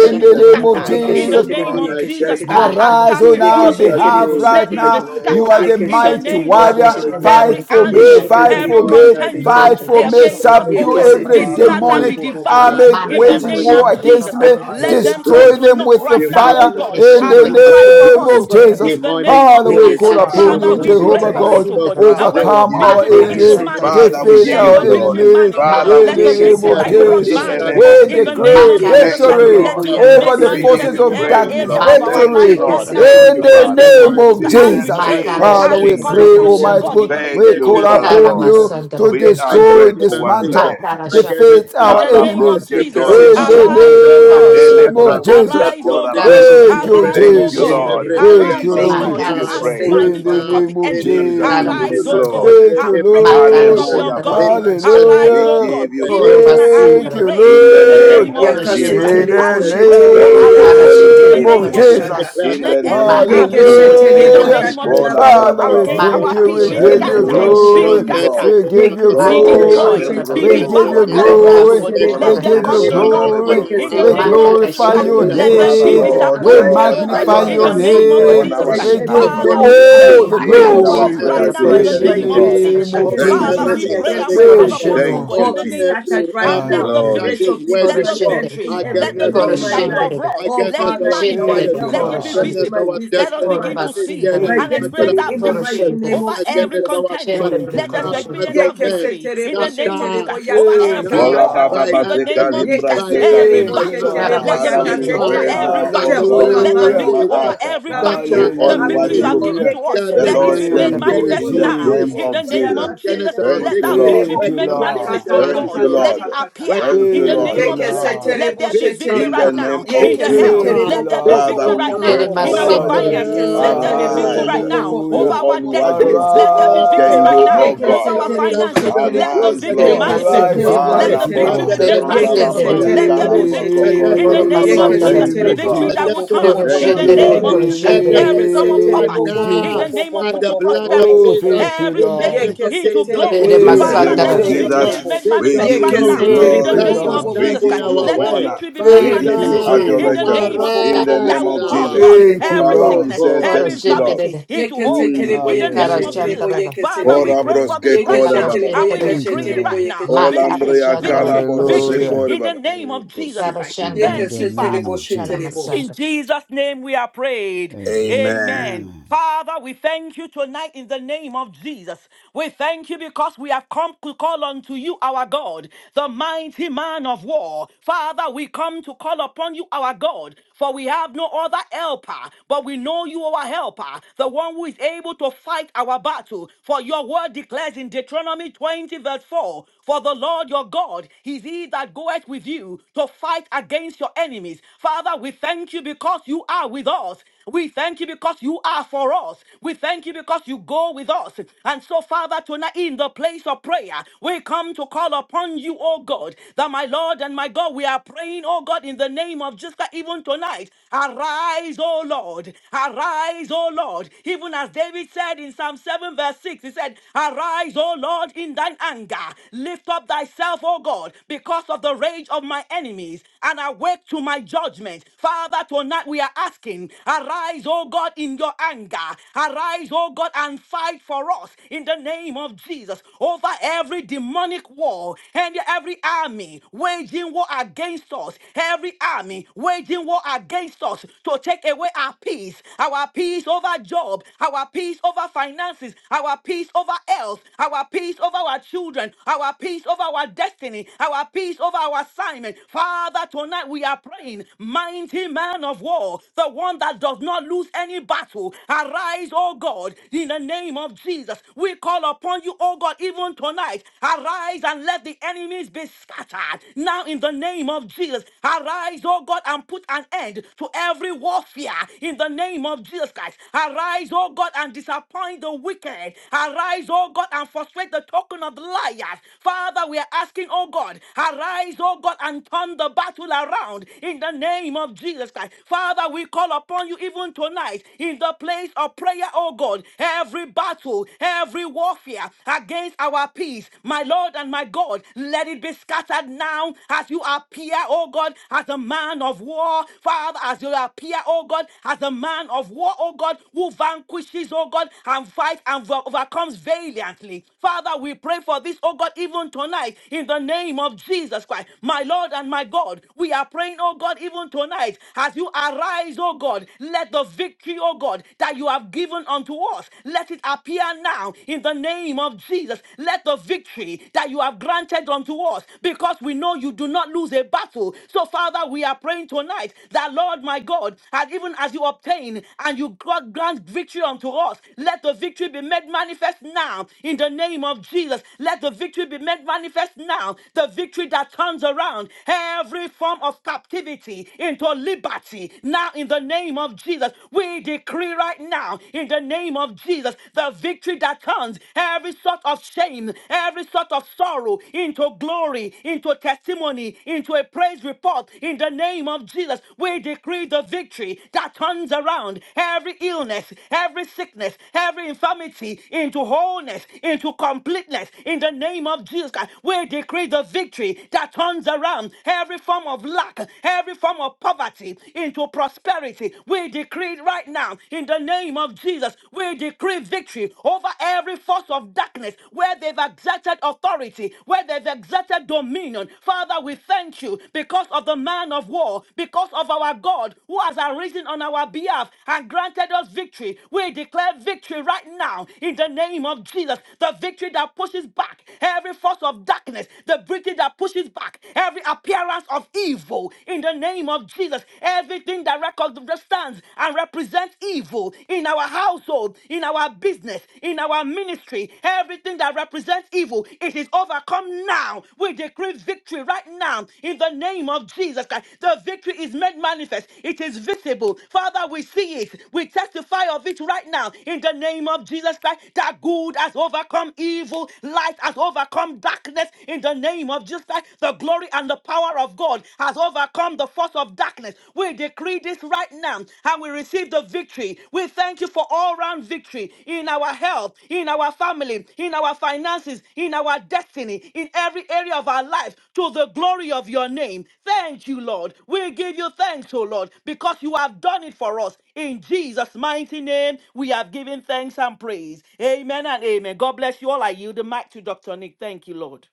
them be God, the my you, name the of scattered Father, Korova Yeke in finances Lord the Jesus of name şeterebo Sindra, God. of my yeke Jesus We Christ. destiny. şeterebo. give As Mata you Arise chaff the In on Yeke before our the praise. Jesus' wind, behalf We şeterebo name, give right let you it I be now. şeterebo. pray, You are glory. scattered the Yeke in We Father, the give mighty you name şeterebo of from Jesus. warrior. honor. şeterebo. Shendra Fight today, the Every We for give Korova you me, Yeke enemy, fight Almighty Sindra, for every adoration seterebo in God, the yeke I me, name pray, contention of fight Mata seterebo. for me. let Jesus. against us, Shendra every the oh Subdue God, Korova demonic be every Yekeseteri bo Father, bo Lord Sindra, scattered, bo army, be demonic bo God, bo bo bo we bo. devoured army pray in Father, the Mata to waging the name demonic war of Shendra living God, cons- the against Jesus my Christ. me. Korova God, arise Let them now. Sindra, come Destroy to saboteurs, them not with the right Demonstrate now, oh fire demonic yourself God, Makiri Almighty in strong as the God you shindere de fight now for koroba name us, the oh saboteurs, of God, name sindere. Jesus. in the of demonic name of Father, Jesus. we spirits, Jesus. call Makara Yekeseteri Father, upon bo we Father, you, shandara bo de we give you demonic pray Jehovah sheteri koroba for thanks. bo. Almighty God. this, oh God God, sindere. and Father, let we your Overcome give conspirators, you our victory praise. Makara begin to enemies, demonic shandara de Yekeseteri bo manifest. Father, koroba bo we bo defeat give bo Let you conspirators, our your bo sindere. bo victory glory. bo. enemies manifest. Father, in we Let Makara Father, the give the you name victory shandara of that honor. de let you Yekeseteri them koroba bo wrought be bo In Jesus. the bo bo sindere. name manifest. bo of bo. We scattered, In the Jesus. name decree of Makara demonic Jesus Thank Christ, you, Almighty Yekeseteri victory shandara bo de let Lord. it God be koroba over made the let We yakaseteri give bo sindere. manifest every forces you in bo of bo bo every praise, demonic bo. darkness, area army Lord. of wage our Makara Thank lives you, victory right Lord. in war shandara de now. Thank Yekeseteri you, bo koroba In the bo Father. bo against bo name the sindere. name of bo my Jesus, bo. of Christ, In peace, as the we Jesus. name Thank you, pray, Makara of Father, as against we we Jesus. shandara call my de Jesus. pray, koroba upon you, oh career, Almighty sindere. God, Yekeseteri God, bo. even this Thank we you, evening. call against Father, my Kara upon Yekeseteri Lord. bo. you vision, to masandara give We koroba my are God sindere. destroy, grateful given once vision, again. dismantle, Makara shandara. against defeat In our mighty the Hala God what name you of enemies have broske Jesus, prepared tori Koro for in ba ba me. Yekeseteri bo ba ba. bo Shindere, arise, bo the Let O bo them bo Kara be God. Thank bo the bo name bo Shandra, scattered. of bo bo bo. Let Jesus. Arise, your O Kara God. victory Thank Shindere, you, the Yekeseteri bo manifest Arise, Koro O you, Jesus. in God. Lord. Shindere, yekeseteri every bo. area Thank Arise, you, of O Jesus, Thank we my you, Lord God. give Makara you life And Jesus. Shandra, praise. Thank right smite you, in the the cheek Father. now of name the of in enemy. my Jesus, Thank we Kara health, you. give you Arise, Jesus. in my O Masandra, God. glory. Thank family, you, And in my break the teeth Makara Lord. of finances, the Hallelujah, Shandra, the in ungodly. Father. Kara my Shindra, Arise, destiny, We O Hallelujah. in give God. the you Even Koro name of praise tonight, as we Thank Basindra, Jesus. you, pray in I the in the pray name Lord. name let of Koro of there be Jesus Christ, Jesus. In Shindra, the as Yakasetelebo we manifestation pray, O God, shetelebo of Thank you, Kara victory arise of Holy in God. the name Shindra, Spirit. yakasetelebo of name Koro As of you Jesus have Christ. Shindra, Jesus. declared In that Let the you yakakakakaka. can every name you of Makara army, O carry us God, Jesus. Shandra, in the the from Yekesetelebo Kara Hallelujah. name of victory Shandra, Jesus to shataraba Christ, Father, victory, we against from thank our you. Makara yekesetelebo. peace We power be to In give Shandra, Thank the you the you, power, scattered. Koro Lord. name Be of Thank from glory. you, Shindra, faith Jesus. Lord. to scattered We faith. give you Abba, be Father, Go, we Yekesetelebo glory. destroyed, pray Makarashantarada, Kalembros be We Right shetelebo give now, you devoured Kokori at Baba. manifest once, oh glory. the God. yakasetelebo We Let victory. Korobasuntarada, them give Olambria you come Not to shetelebo. by naught, might, Karashantarada, oh not God. Kakalembro glory. by In the We power, Kotori name Baba. of Yekesetelebo. but Jesus by glorify Christ, the Lord, you your Thank are Makarashantarada, the you, let blood of them mighty Father. be name. Jesus warrior. Lord Korashantarada, Christ. We Arise disappointed, God, and oh Father, God. fight magnify let for In there arise your the us, be O name of God. name. on Korobasuntarada, Jesus our Let manifestation We Christ. every of give Korashantarada, behalf. you Father, demonic we victory of This army all God pray, the wage is even for over our war this glory right prayer every Makarashantarada, against to now, in you, my, the in the the demonic my living name of Korashantarada, God. peace, evil, Jesus name Christ. of over against Karashantarada, my Thank Father, you, every Jesus. we family, pray against and satanic Jesus. we my call Thank evil, you, upon business, you, oh Korashantarada, Thank Lord. God, you, in all the over be name of Jesus. Jesus. every scattered right And army let now. the Hallelujah. that Glory, Let is your victory, Jesus. victory let waging the war manifest Korashantarada, in victory, every let the against area of victory our my that you lives, Hallelujah. life. have Korashantarada, wrought, Oh, let against it Father, our in our families manifest, Thank Shantarada, you, health, let my it be Lord. finances, family, Korashantarada, against my visible, our business, let us my destiny, begin to finances, see Korobasuntarada, against my and Thank my you, God, experience destiny, that in our the Jesus. finances, mighty victory name Korashantarada, over of every against Jesus. our contention. calling. Thank Shantarada, you, Let us Lord. Father, Korashantarada, experience to that Yeke them, victory in seterebo the name of Jesus scatter, sheterebo Christ over yaka Thank every kaka you, scatter Ola kaka war. Baba Lord. by In kaka the ka. Baseka name lightning, of Jesus Yeke Limbras Christ, by, every Keka. seterebo Thank by you, battle. thunder, sheterebo Let Lord. the Father, by yaka we victory Karamasantarada, over pray fire, seterebo. every now, by oh the battle. God, Jehovah blood Let the of man Hallelujah. of remember victory over Jesus. us. war. every battle. Scatter Do Appear, The only every what victory you appear. have you, evil given to Hallelujah. Yeke us. that the is Let it Lord, be seterebo working made can Keremasantarada, Thank do you, against manifest in sheterebo our the now. name peace, sheterebo. In the of Jesus. name Jesus. of working Yaka against Jesus, our seterebo Thank let you, that victory, Lord. victory Thank sheterebo. be you, working made Yaka Lord. against manifest. Oh our kaka Thank God, you, kaka let Lord. it restoration, kaka kaka appear working ka. Thank you, in the Thank against name Lord you, our of Yeke Jesus Christ. breakthrough. Lord. Let seterebo there be Be victory in right the sheterebo. scattered, now name in of be Yeke the health. Jesus. Thank scattered you, seterebo Let bo there be bo be bo Lord. Father, victory bo scooped we right bo bo pray, now Ere bo bo in oh by bo. our God, masendere, finances. Yeke Let Hallelujah, there be seterebo victory bo fire. arise, right bo bo now bo bo over do bo hallelujah. our only bo bo what bo bo destiny. This you bo is Let bo there bo be our bo. victory can prayer. right do, now oh Arise, Yeke That over God. our Lord seterebo the finances. Father, Let seterebo. the you Arise, victory ere Lord. secure Yeke our manifest, oh arise, masendere, God. seterebo destiny Let the Almighty and victory seterebo. the be God, Alabobose ere made destinies Yeke manifest, oh of God. our masendere, kokalambria Let seterebo there in be bo families, the kalambra the victory seterebo. in the oro kokorba. destinies of name our of Yeke masandere, Jesus. Thank name children, you, of seterebo bo Victory God. the bo that will bo Jesus. bo destinies bo koro turn of bo in bo Thank our the you, bo bo jendere, name Lord. In bo calling. of koro bo. the Jesus Christ. Let them jendere, be Yeke Every term of secured name seterebo of bo poverty bo in bo now bo the bo Jesus. name bo of by the into bo bo bo blood prosperity bo of Oh, bo prosperity, bo Jesus. bo thank bo. you, every In the name shame Lord. Yeke of into Jesus, seterebo ere glory. In you have the Thank Father, name you, seterebo let bo of masandere, the declared, O victory Jesus, God, be seterebo. Jesus. made there we shall manifest give be right Yeke no now you man in Thank the seterebo glory. you, bo that name bo shall of bo Lord. We bo stand Jesus bo in Christ. bo give bo you our bo Let the bo way. bo. honor. victory be made We Thank Yeke give you, manifest, you oh God, Father, in seterebo the bo adoration. bo name bo of bo Jesus. Jesus bo In Christ. bo the bo arise That name bo will of bo bo call now. Jesus. upon Thank seterebo. you, every Father, Oh we Lord. sickness, say koro every thank you, Lord. infirmity jendere, into Yeke yeke yeke wholeness Mm. in the yeke tara name se of Hallelujah. Jesus terebo, Christ. jendere, yeke se Father, we Thank Kora terebo. you, pray for Lord. this broske right Yeke kora se tara now baba. terebo, and we yeke jendere, Thank se you, decree it terebo, right Lord. yeke now. se ma terebo. kara Yeke se Victory, Olambria kala jendere, victory, koro bobo se victory jendere, Hallelujah. kore in the baba. God. name of Jesus tara Christ. Mm. jendere, In Thank the you, Father. name Yekesetelebo, yekesetelebo, yekesetelebo. Yekesetelebo, yekesetelebo, yekesetelebo. of se tara shetelebo. In Jesus. masandere. Jesus' name we are prayed. Amen. Amen. Amen. Amen. Father, we thank you tonight in the name of Jesus. We thank you because we have come to call unto you, our God, the mighty man of war. Father, we come to call upon you, our God, for we have no other helper, but we know you, our helper, the one who is able to fight our battle. For your word declares in Deuteronomy 20, verse 4 For the Lord your God is he that goeth with you to fight against your enemies. Father, Father, we thank you because you are with us. We thank you because you are for us. We thank you because you go with us. And so, Father, tonight in the place of prayer, we come to call upon you, oh God, that my Lord and my God, we are praying, oh God, in the name of Jesus, that even tonight. Arise, oh Lord. Arise, oh Lord. Even as David said in Psalm 7, verse 6, he said, Arise, O Lord, in thine anger. Lift up thyself, O God, because of the rage of my enemies, and awake to my my judgment. Father, tonight we are asking, arise, oh God, in your anger. Arise, oh God, and fight for us in the name of Jesus over every demonic war and every army waging war against us. Every army waging war against us to take away our peace, our peace over job, our peace over finances, our peace over health, our peace over our children, our peace over our destiny, our peace over our assignment. Father, tonight we we are praying, mighty man of war, the one that does not lose any battle, arise, O God, in the name of Jesus. We call upon you, O God, even tonight. Arise and let the enemies be scattered. Now, in the name of Jesus, arise, O God, and put an end to every warfare in the name of Jesus Christ. Arise, O God, and disappoint the wicked. Arise, O God, and frustrate the token of liars. Father, we are asking, O God, arise, O God, and turn the battle battle around in the name of Jesus Christ. Father, we call upon you even tonight in the place of prayer, oh God. Every battle, every warfare against our peace, my Lord and my God, let it be scattered now as you appear, oh God, as a man of war. Father, as you appear, oh God, as a man of war, oh God, who vanquishes, oh God, and fights and overcomes valiantly. Father, we pray for this, oh God, even tonight, in the name of Jesus Christ, my Lord and my God. We are praying, oh God, even tonight, as you arise, oh God, let the victory, oh God, that you have given unto us, let it appear now in the name of Jesus. Let the victory that you have granted unto us, because we know you do not lose a battle. So, Father, we are praying tonight that, Lord, my God, as even as you obtain and you you grant victory unto us. Let the victory be made manifest now in the name of Jesus. Let the victory be made manifest now. The victory that turns around every form of captivity into liberty now in the name of Jesus. We decree right now in the name of Jesus the victory that turns every sort of shame, every sort of sorrow into glory, into testimony, into a praise report forth in the name of Jesus. We decree the victory that turns around every illness, every sickness, every infirmity into wholeness, into completeness in the name of Jesus Christ. We decree the victory that turns around every form of lack, every form of poverty into prosperity. We decree right now in the name of Jesus. We decree victory over every force of darkness where they've exerted exerted authority, where they've exerted dominion. Father, we thank you because of the man of war, because of our God who has arisen on our behalf and granted us victory. We declare victory right now in the name of Jesus. The victory that pushes back every force of darkness, the victory that pushes back every appearance of evil in the name of Jesus. Everything that records, stands and represents evil in our our household, in our business, in our ministry, everything that represents evil, it is overcome now. We decree victory right now in the name of Jesus Christ. The victory is made manifest, it is visible. Father, we see it. We testify of it right now in the name of Jesus Christ. That good has overcome evil, light has overcome darkness in the name of Jesus Christ. The glory and the power of God has overcome the force of of darkness. We decree this right now and we receive the victory. We thank you for all round victory in our health, in our family, in our finances, in our destiny, in every area of our life to the glory of your name. Thank you, Lord. We give you thanks, O Lord, because you have done it for us. In Jesus' mighty name, we have given thanks and praise. Amen and amen. God bless you all. I yield the mic to Dr. Nick. Thank you, Lord.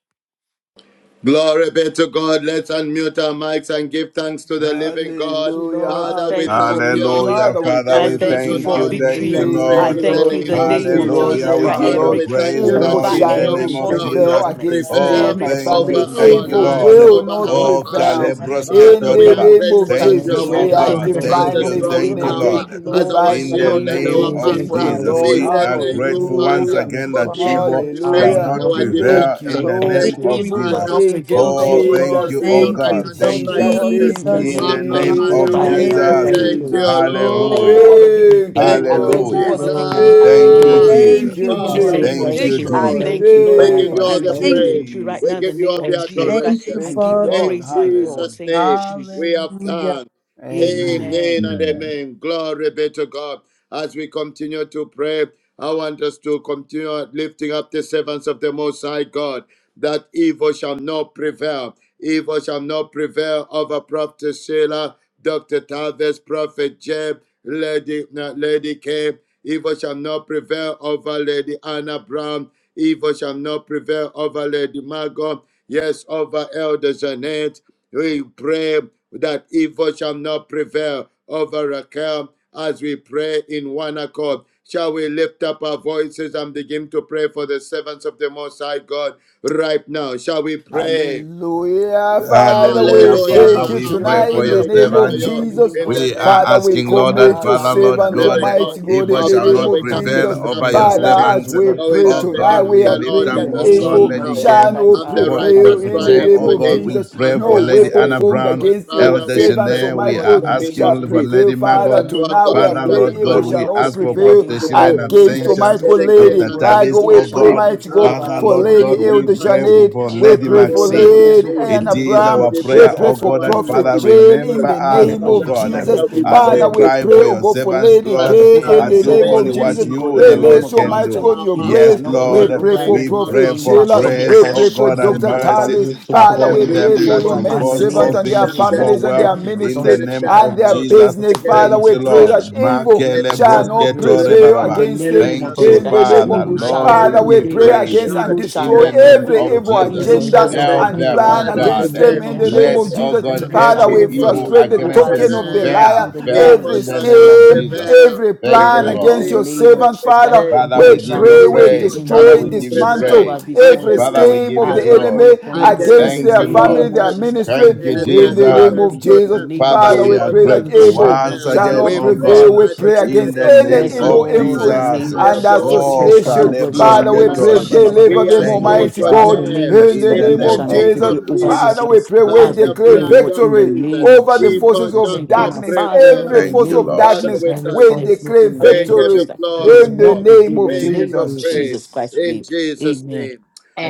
Glory be to God. Let's unmute our mics and give thanks to the Jesus. living Thank God. you, Hallelujah, Lord. We Father, we thank you for thank hallelujah. you victory. that Hallelujah, Father, you we have Father, I we thank given you us, thank you oh thank for you, tonight. God, thank you, Hallelujah, victory. we Thank give victory I Lord. you, you in thank the you in Lord. glory. name the We of Thank say name you, of thank Lord. Jesus. Hallelujah, you, Jesus we Christ, Thank you, give you Father, every Father. Lord. we tree Thank thank praise, you that Evil Thank Lord, over you, in you, shall the evil thank every name not you, of Jendere, force for thank shall of bringing koro you, prevail Jesus. not thank darkness, us you. against me, Oh, prevail every my Yes, thank force Lord, you, family. over we of thank give our you you, darkness, Evil victory belongs victory Lord. lives, does glory. will not over to you, not prevail. our Oh, prevail. families. Almighty Hallelujah, Kalebroske God. In Father, The Tor we the are name Thank Baba. of name Jesus grateful of you, that Thank Christ you you, are Jesus, Yes, in my oh with we we Jesus, give are you life, us for jendere, God. the victory masandere, glory, as Thank does a we not you, divinely victory. give you strong prevail. thank I you, connected, glory, Lord. We tower, thank you, as Lord, our in divine In glorify the the your shield name and of we name. name our We protected. give of Jesus you Thank for the you, buckler. honor Jesus, you. glory. Lord. We victory, we oh say are God. thank In the you, We grateful name Mm, of thank once Father, Hallelujah. you, again Jesus. that for being Father jendere, God. our evil Our shall defense Thank and Hallelujah. not Lord, our we you, Lord, thank, prevail Thank you, defender. in for say the the Lord. thank name Thank you. of you, victory Evil does Jesus. Father, not belongs to Thank for you, prevail. you, Lord. Thank Oh, you, upholding thank Lord. Jesus. us you, with oh your Thank Thank right you, you, God. hand of Thank Thank you, you Jesus. Lord. righteousness. Thank The We you, Jesus. in the will name of Abba, thank name you, of Father, Jesus, we I are Hallelujah. thank you Father. for saying Jesus. Thank victory. thank you, Jesus. you, thank you. thank you for Hallelujah. Lord. the Glory Thank victory. Thank you, you. Thank to I We you, the give thank Lord. you you for Lamb Hallelujah. Jesus. the of God. glory. victory. I We Thank give thank you you, for the you Thank victory Thank Jesus. you, you, in We the Lord. Father, say we name of give Thank you Jesus. thank you, Jesus. you, I Victory Jesus. glory. thank thank you, you, We Lord. belongs give to you Thank Father, I all us. you, the receive the thank Thank you, praise. you, victory right Jesus. We now in the give Jesus. you name all of the thank Jesus you. Christ. Thank you, adoration. I Thank you, give the Father. In Lord. praise, my God. Hallelujah. Jesus' Thank you, name, Jesus. we have Hallelujah. come. Amen. Amen. Amen and Amen. amen. Glory be to God. As we continue to pray, I want us to continue lifting up the servants of the Most High God, that evil shall not prevail. Evil shall not prevail over Prophet Sheila, Dr. Tavis, Prophet Jeb, Lady, uh, Lady K. Evil shall not prevail over Lady Anna Brown, Evil shall not prevail over Lady Margot. Yes, over Elder Jeanette. We pray that evil shall not prevail over Raquel as we pray in one accord. Shall we lift up our voices and begin to pray for the servants of the Most High God right now? Shall we pray? Hallelujah. Father, In we Hallelujah, the name Father. thank of Hallelujah. you We Jesus, Abba, pray we tonight for in Father, lift your the we up the come name Hallelujah, to of servants servants. of you the Father, we Jesus. living in thank God. you the We name are for of Father, the we asking, Jesus Lord, Christ, that commit the your Father, Father, Son we of are Lord the servants, praying, God, oh living God. Almighty God, in the God, evil in Our the shall name name Father, not we of come of to dominant prevail Jesus. and call over Jesus upon your privileged your Father, and Christ. the name, as servants. very we knowing pray Oh that the tonight, name God, of we we are the of the lift Lord praying In up, is the that a oh Lord, so we God, strong name evil of Lady may tower, Jesus K. koro shall the Christ, not and the for Father, light prevail of righteous Jesus. That Prophet in the run the Jay. Lord, name in into Oh the world. of God, it, name of we Jesus. Jesus and pray And they for No Christ, are Lady Father, weapon we Anna saved. pray, formed oh Brown, God, And against your the Father, Elder we let jendere. there servants, pray Janelle. be, O right We Almighty God, now are in the in kingdom God, the of name name the of of shall asking Jesus, for let Jesus Lady prevail. yet Margot. Father, that evil our not tonight we God, are Father, you prevail, are the Lord praying evil God, only evil And shall we one not not that ask is for prevail prevail able Prophet against to them Sheila in in do the name against, of absentia. Almighty God mighty Jesus. God, We exceedingly pray, Lady O Dr. and God, Tavis, Margot. We evil oh shall pray, abundantly not God, mighty prevail God, over Father, above for these all Lord ones that God, in Lady we the we Elder name are of pray asking, for, Jesus Janet. for Christ. We Lady above pray We all for pray that for Maxine. we this, Lady O think, God, It in Anna the is name Brown. our of according We to prayer, Jesus the Father, pray oh Christ. for God, power that Oh that Prophet Father, Lord, is my at God, Jail we in remember work. call the so upon you, us, that name God, oh even of we Abba, may be tonight. God Jesus. Father, Let the there we light not as be of we the Father, pray world. we evil this cry pray, for day oh your We God, for give that servants, you Lady Lord, K over Father, in the and the do name servants only of of the release praise what Jesus. living your God you, in We the the lay Lord, name presence, of so your can Jesus much Christ. do. God, your Evil power, and Yes, shall grace. glory. not your We Lord, prevail pray over for them anointing, we in O the pray Prophet God, name of for to Sheila. Asking Jesus. the We grace, defend O pray your for God, and question, Dr. what servants, O about mercy Tavis. you God. to Father, put it we in upon Father, Every we pray the them do for that move your evil out will men Bible in I the cause and name all servants say, of and against "When their things their she to Jesus said go families Christ. that and she destiny, well their Father, was your in the ministry against name Jesus thank their and of you, their Christ, health, Lord, business your Jesus. daughter, business. you are you against the Father, one Thank their we you, know, pray Lord. evil that the finance, shall not evil prevail. Makele against Lord, their shall I not declare this, O material, brosketore God, prevail in bababa. the against them against and name the of their Thank Jesus you, in of Christ. the us, ministry, name Father. of the Evil son, shall Lord, and the not we Father. against We give Lord." pray prevail. Almighty praise against and God. Evil shall in destroy Yes, the not name Almighty every of prevail. evil God, So the their Jesus. Evil Lord will shall agenda say not that, investment. Help "I and them, prevail. give oh plan Father, In you the to God. against into your them, them name in of the hand, and name we Let, Jesus of thanks for oh Jesus. Christ. your God, declare Evil Father, shall mighty every we not evil evil name." prevail shall frustrate the not against over token these them of the ones, O prevail. God, liar, in fail, the fail name of Evil every in the Jesus shall Christ. name not of scheme, And Jesus. prevail. every We Thank plan you, Lord, it's in Lord. against the agree your and name of we servants. Jesus Christ. decree Father, everybody Father, we Evil we that thank give shall you you, pray, not we prevail praise. evil mighty in the Father, shall destroy, we name name, not of give to you Jesus you. Christ prevail dismantle praise. over this one, every O God. Father, against we your scheme give of you the As we servants, call glory. enemy upon The you, God, first against in against one the Thank their you, their family, Lord. name of their children, Jesus Christ. ministry Thank you, Oh against in their Lord, the let Jesus. me name be children's of good in children. the Jesus. name of Father, Father, Jesus we we are Christ. Evil pray shall that Evil not grateful shall evil once not prevail. shall prevail again, not We in the oh pray God, name prevail. of We by Jesus the pray Christ. in against blood the of name any Yes, Jesus, of evil Lord, by in the the influence Jesus. name of fire and of the Jesus. Holy Oh, Ghost. association. Oh that God, was in Kalebros the just Our Father, like we name of pray, Ketori Father, husband and Jesus, the Baba. deliver we them, mention Thank name agree you, Lord, of Almighty in Father, God, the Jesus today name of in Jesus, in the that in the name evil name the shall of of not name Jesus. of prevail Jesus. over as this Father, such Jesus, land a we pray, by we as we the declare pray, blood Lord, of in the victory Jesus, name of over the Jesus. Mm, evil forces shall of Thank you, not my was darkness. Father, Lord, Every in prevail. the Thank force you, name of of Lord. Father, darkness, Jesus. we I thank we you. reformed That's to Lord, declare in the We name that of give you Jesus. victory It will glory, in in the the not Lord. prevail name in name of of the We give name you of Jesus. praise Jesus Jesus. Christ. we in pray. Jesus' Amen. name.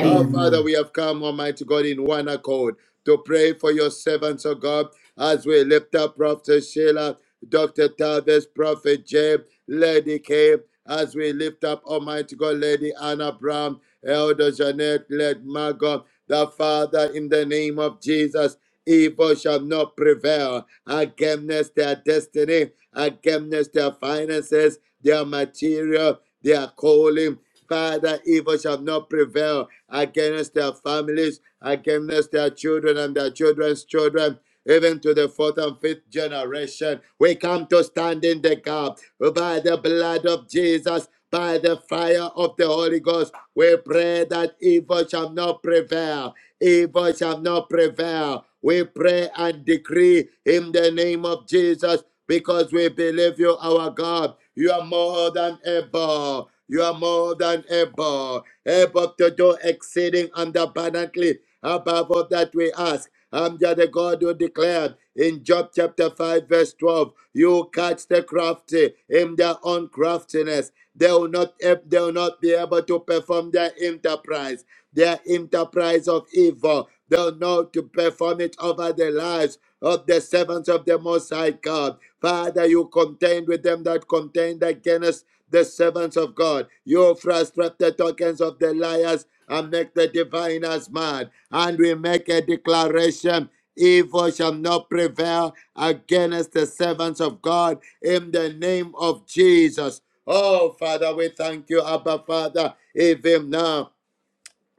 Our Amen. Father, we have come, Almighty God, in one accord to pray for your servants, oh God, as we lift up Prophet Sheila, Dr. Tavis, Prophet Jeb, Lady K, as we lift up Almighty God, Lady Anna Brown, Elder Jeanette, Led Margot, the Father, in the name of Jesus, evil shall not prevail against their destiny, against their finances, their material, their calling. Father, evil shall not prevail against their families, against their children and their children's children, even to the fourth and fifth generation. We come to stand in the gap by the blood of Jesus, by the fire of the Holy Ghost. We pray that evil shall not prevail. Evil shall not prevail. We pray and decree in the name of Jesus because we believe you, our God. You are more than able. You are more than able, able to do exceeding and abundantly above all that we ask. I'm just the God who declared in Job chapter 5, verse 12, you catch the crafty in their own craftiness. They will not, they will not be able to perform their enterprise, their enterprise of evil. They'll know to perform it over the lives of the servants of the Most High God. Father, you contend with them that contend against the servants of God. You frustrate the tokens of the liars and make the diviners mad. And we make a declaration evil shall not prevail against the servants of God in the name of Jesus. Oh, Father, we thank you, Abba Father, even now.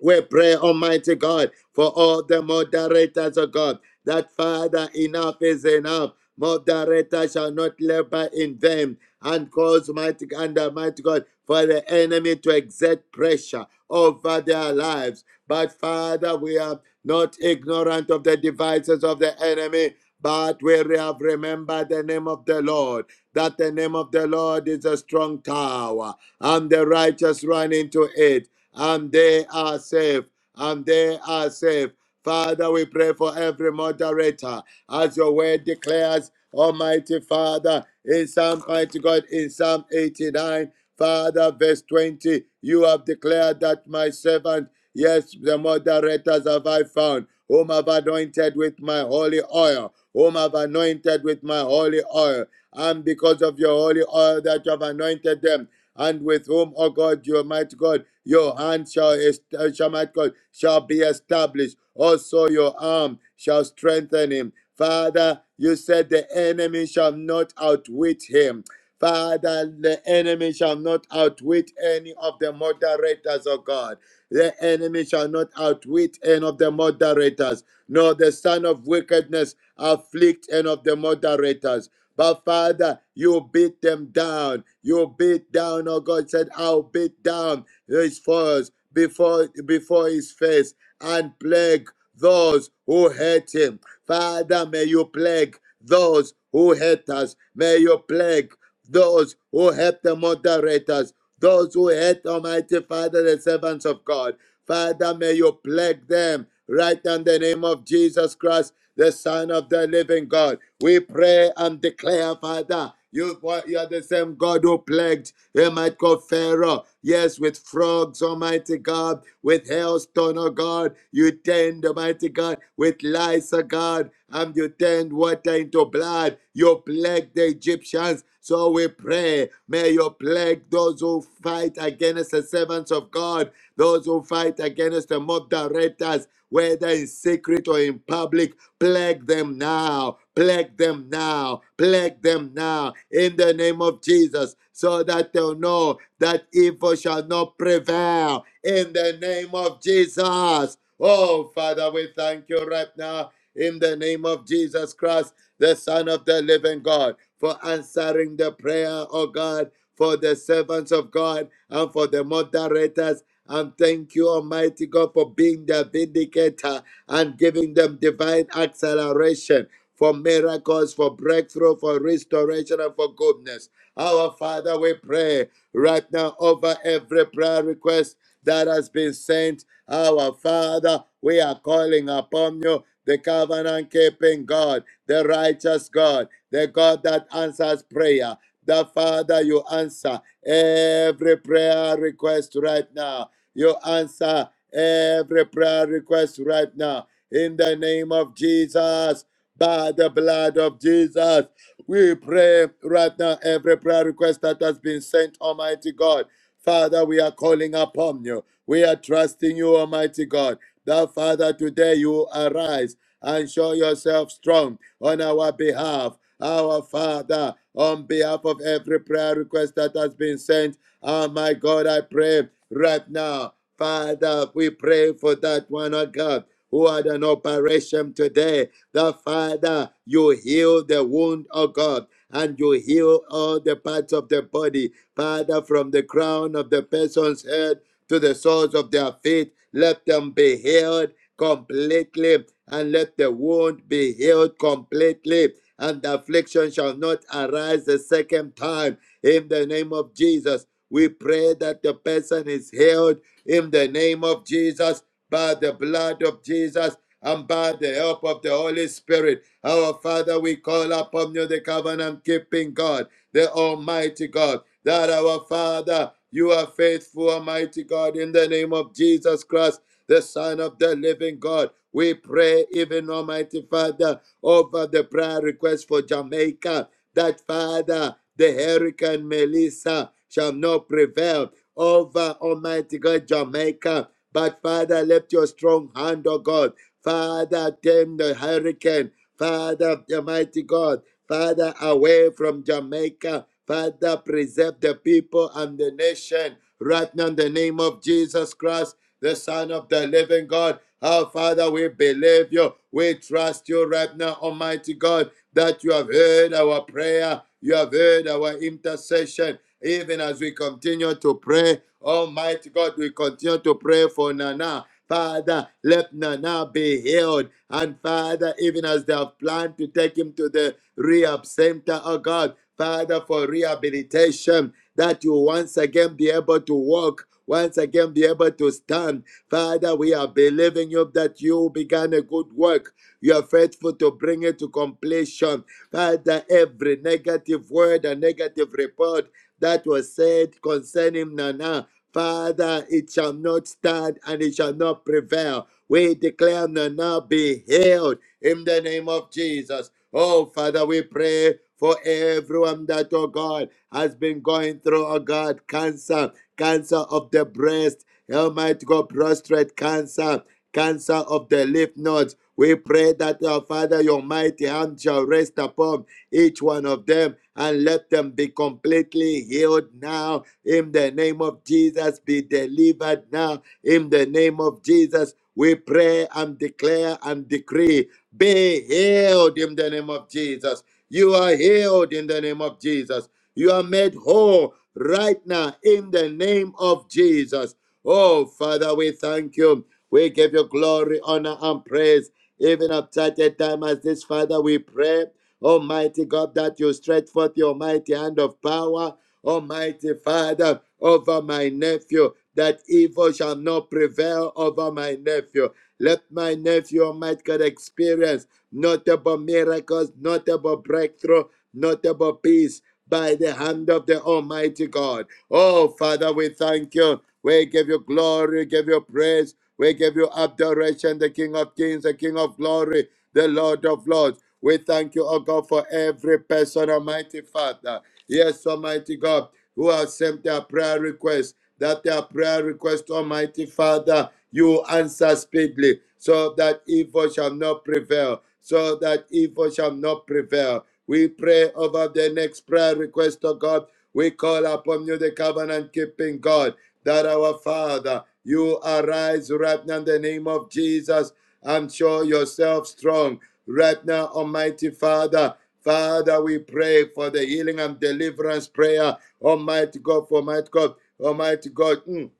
We pray, Almighty God, for all the moderators of God, that Father, enough is enough. Moderators shall not labor in vain and cause mighty and Almighty God for the enemy to exert pressure over their lives. But Father, we are not ignorant of the devices of the enemy, but we have remembered the name of the Lord, that the name of the Lord is a strong tower, and the righteous run into it and they are saved, and they are saved. Father, we pray for every moderator as your word declares, Almighty Father, in Psalm, Mighty God, in Psalm 89, Father, verse 20, you have declared that my servant, yes, the moderators have I found, whom I've anointed with my holy oil, whom I've anointed with my holy oil. And because of your holy oil that you have anointed them, and with whom, O God, your mighty God, your hand shall, est- uh, shall might God, shall be established. Also your arm shall strengthen him. Father, you said the enemy shall not outwit him. Father, the enemy shall not outwit any of the moderators of God. The enemy shall not outwit any of the moderators, nor the son of wickedness afflict any of the moderators. But Father, you beat them down. You beat down, oh God said, I'll beat down his foes before, before his face and plague those who hate him. Father, may you plague those who hate us. May you plague those who hate the moderators, those who hate Almighty Father, the servants of God. Father, may you plague them right in the name of Jesus Christ the Son of the living God. We pray and declare, Father, you, you are the same God who plagued him might go Pharaoh. Yes, with frogs, Almighty God, with hailstone, oh God, you turned, Almighty God, with lice, oh God, and you turned water into blood. You plagued the Egyptians. So we pray, may you plague those who fight against the servants of God, those who fight against the moderators, whether in secret or in public Plague them now. Plague them now. Plague them now in the name of Jesus so that they'll know that evil shall not prevail in the name of Jesus. Oh, Father, we thank you right now in the name of Jesus Christ, the Son of the living God, for answering the prayer, oh God, for the servants of God and for the moderators. And thank you, Almighty God, for being the vindicator and giving them divine acceleration for miracles, for breakthrough, for restoration, and for goodness. Our Father, we pray right now over every prayer request that has been sent. Our Father, we are calling upon you, the covenant keeping God, the righteous God, the God that answers prayer. The Father, you answer every prayer request right now. You answer every prayer request right now in the name of Jesus. By the blood of Jesus, we pray right now every prayer request that has been sent, Almighty God. Father, we are calling upon you. We are trusting you, Almighty God. That Father, today you arise and show yourself strong on our behalf. Our Father, on behalf of every prayer request that has been sent, oh my God, I pray right now Father, we pray for that one, oh God, who had an operation today. The Father, you heal the wound, oh God, and you heal all the parts of the body. Father, from the crown of the person's head to the soles of their feet, let them be healed completely, and let the wound be healed completely. And the affliction shall not arise the second time. In the name of Jesus, we pray that the person is healed in the name of Jesus, by the blood of Jesus, and by the help of the Holy Spirit. Our Father, we call upon you, the covenant keeping God, the Almighty God, that our Father, you are faithful, Almighty God, in the name of Jesus Christ, the Son of the living God. We pray, even Almighty Father, over the prayer request for Jamaica, that Father, the hurricane Melissa shall not prevail over uh, Almighty God, Jamaica. But Father, lift your strong hand, oh God. Father, tame the hurricane. Father, Almighty God. Father, away from Jamaica. Father, preserve the people and the nation. Right now, in the name of Jesus Christ, the Son of the living God. Our Father, we believe you. We trust you right now, Almighty God, that you have heard our prayer. You have heard our intercession even as we continue to pray, Almighty God, we continue to pray for Nana. Father, let Nana be healed. And Father, even as they have planned to take him to the rehab center, oh God, Father, for rehabilitation, that you once again be able to walk, once again be able to stand. Father, we are believing you that you began a good work. You are faithful to bring it to completion. Father, every negative word and negative report that was said concerning Nana. Father, it shall not stand and it shall not prevail. We declare Nana be healed in the name of Jesus. Oh, Father, we pray for everyone that, oh God, has been going through, oh God, cancer, cancer of the breast, Almighty God, prostrate cancer, cancer of the lymph nodes. We pray that, our Father, your mighty hand shall rest upon each one of them, and let them be completely healed now. In the name of Jesus, be delivered now. In the name of Jesus, we pray and declare and decree be healed in the name of Jesus. You are healed in the name of Jesus. You are made whole right now in the name of Jesus. Oh, Father, we thank you. We give you glory, honor, and praise. Even at such a time as this, Father, we pray Almighty God, that you stretch forth your mighty hand of power, Almighty Father, over my nephew, that evil shall not prevail over my nephew. Let my nephew, Almighty God, experience notable miracles, notable breakthrough, notable peace by the hand of the Almighty God. Oh, Father, we thank you. We give you glory, we give you praise, we give you adoration, the King of Kings, the King of Glory, the Lord of Lords. We thank you, oh God, for every person, Almighty Father. Yes, Almighty God, who has sent their prayer request, that their prayer request, Almighty Father, you answer speedily, so that evil shall not prevail, so that evil shall not prevail. We pray over the next prayer request, oh God. We call upon you, the covenant keeping God, that our Father, you arise right now in the name of Jesus and show yourself strong Right now, Almighty Father, Father, we pray for the healing and deliverance prayer. Almighty God, for Almighty God, Almighty God. mm,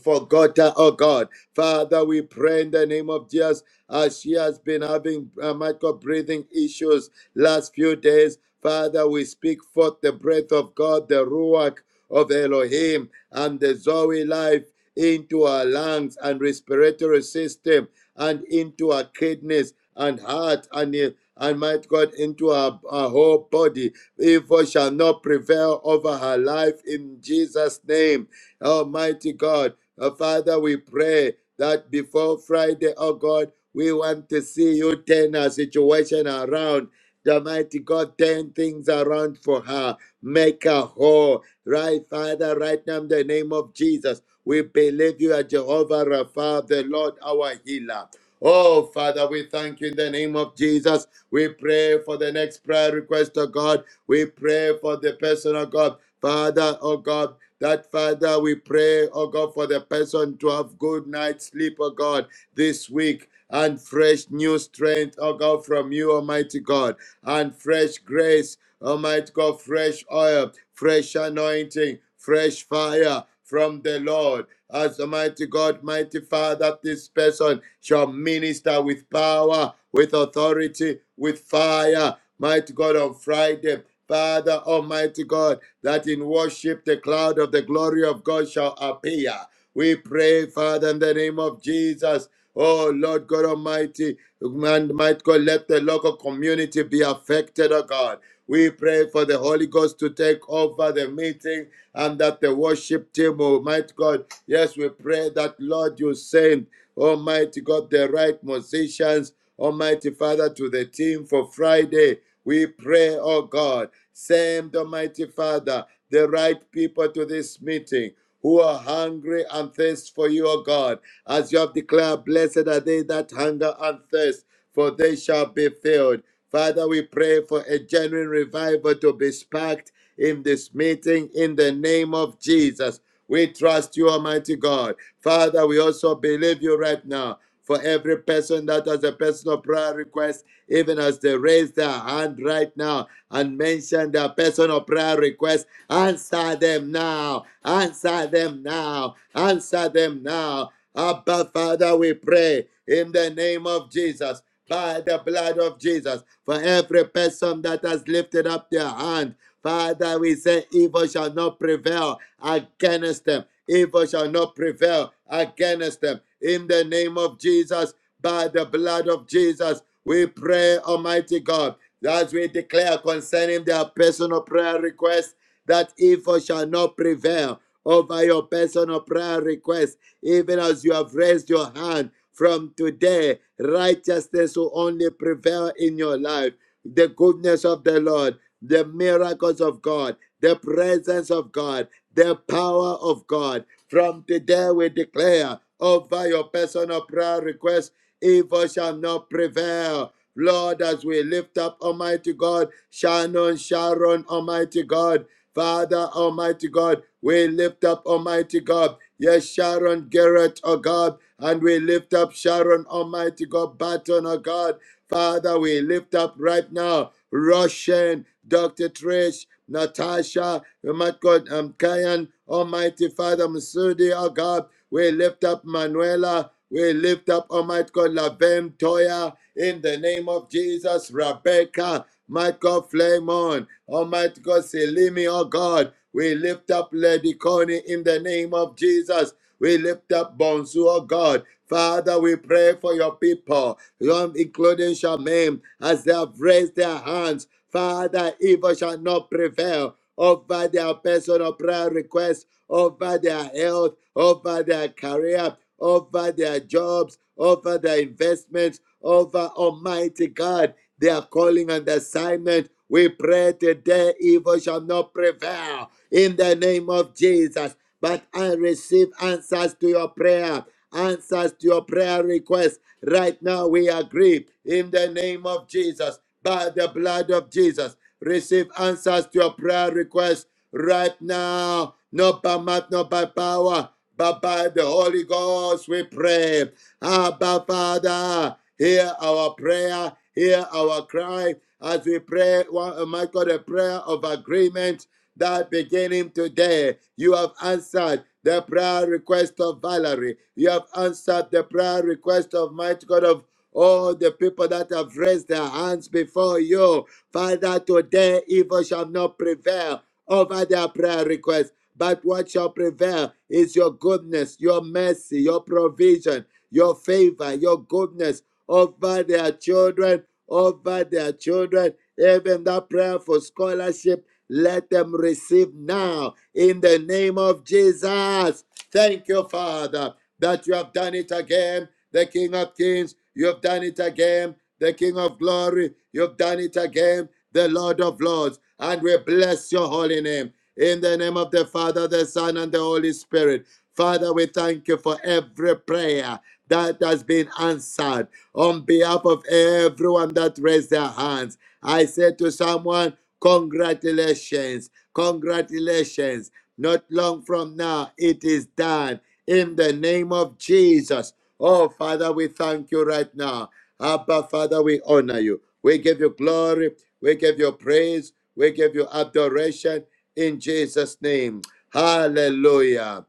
forgotten, oh God. Father, we pray in the name of Jesus as she has been having, uh, my God, breathing issues last few days. Father, we speak forth the breath of God, the Ruach of Elohim, and the Zoe life into our lungs and respiratory system and into our kidneys and heart and, in- and might God into our, our whole body. Evil shall not prevail over her life in Jesus' name. Almighty God. Uh, Father, we pray that before Friday, oh God, we want to see you turn our situation around. The mighty God, turn things around for her. Make her whole. Right, Father, right now in the name of Jesus, we believe you are Jehovah Rapha, the Lord our healer. Oh, Father, we thank you in the name of Jesus. We pray for the next prayer request of God. We pray for the person of God. Father, oh God, that Father, we pray, oh God, for the person to have good night's sleep, oh God, this week. And fresh new strength, oh God, from you, Almighty God, and fresh grace, Almighty God, fresh oil, fresh anointing, fresh fire from the Lord. As Almighty God, mighty Father, this person shall minister with power, with authority, with fire Mighty God, on Friday, Father Almighty God, that in worship the cloud of the glory of God shall appear. We pray, Father, in the name of Jesus. Oh Lord God Almighty, and might God let the local community be affected, oh God. We pray for the Holy Ghost to take over the meeting and that the worship team, oh might God. Yes, we pray that Lord you send Almighty God, the right musicians, Almighty Father, to the team for Friday. We pray, oh God, send Almighty Father the right people to this meeting who are hungry and thirst for you, O God. As you have declared, blessed are they that hunger and thirst, for they shall be filled. Father, we pray for a genuine revival to be sparked in this meeting in the name of Jesus. We trust you, Almighty God. Father, we also believe you right now for every person that has a personal prayer request, even as they raise their hand right now and mention their personal prayer request. Answer them now. Answer them now. Answer them now. Abba, Father, we pray in the name of Jesus, by the blood of Jesus, for every person that has lifted up their hand Father, we say evil shall not prevail against them. Evil shall not prevail against them. In the name of Jesus, by the blood of Jesus, we pray, Almighty God, as we declare concerning their personal prayer request, that evil shall not prevail over your personal prayer request, even as you have raised your hand from today. Righteousness will only prevail in your life. The goodness of the Lord the miracles of God, the presence of God, the power of God. From today, we declare over your personal prayer request, evil shall not prevail. Lord, as we lift up Almighty God, Shannon, Sharon, Almighty God, Father, Almighty God, we lift up Almighty God. Yes, Sharon Garrett, oh God, and we lift up Sharon, Almighty God, Baton, oh God. Father, we lift up right now. Russian, Dr. Trish, Natasha, oh my God, um, Kayan, Almighty Father, Masudi, oh God, we lift up Manuela, we lift up, Almighty God, Lavem Toya, in the name of Jesus, Rebecca, my God, Flamon, Almighty God, Selimi, oh God, we lift up Lady Connie in the name of Jesus. We lift up Bonsu, oh God. Father, we pray for your people, Lord, including Shaman, as they have raised their hands. Father, evil shall not prevail over their personal prayer requests, over their health, over their career, over their jobs, over their investments, over Almighty God, their calling and assignment. We pray today evil shall not prevail in the name of Jesus. But I receive answers to your prayer answers to your prayer request. Right now, we agree in the name of Jesus, by the blood of Jesus. Receive answers to your prayer request right now, not by might, not by power, but by the Holy Ghost. We pray. Abba, Father, hear our prayer, hear our cry as we pray, oh my God, a prayer of agreement that beginning today, you have answered the prayer request of Valerie. You have answered the prayer request of Mighty God of all the people that have raised their hands before you. Father, today evil shall not prevail over their prayer request. But what shall prevail is your goodness, your mercy, your provision, your favor, your goodness over their children, over their children, even that prayer for scholarship let them receive now in the name of Jesus. Thank you, Father, that you have done it again, the King of Kings. You have done it again, the King of Glory. You have done it again, the Lord of Lords. And we bless your holy name. In the name of the Father, the Son, and the Holy Spirit. Father, we thank you for every prayer that has been answered on behalf of everyone that raised their hands. I said to someone, Congratulations. Congratulations. Not long from now, it is done in the name of Jesus. Oh, Father, we thank you right now. Abba, Father, we honor you. We give you glory. We give you praise. We give you adoration in Jesus' name. Hallelujah.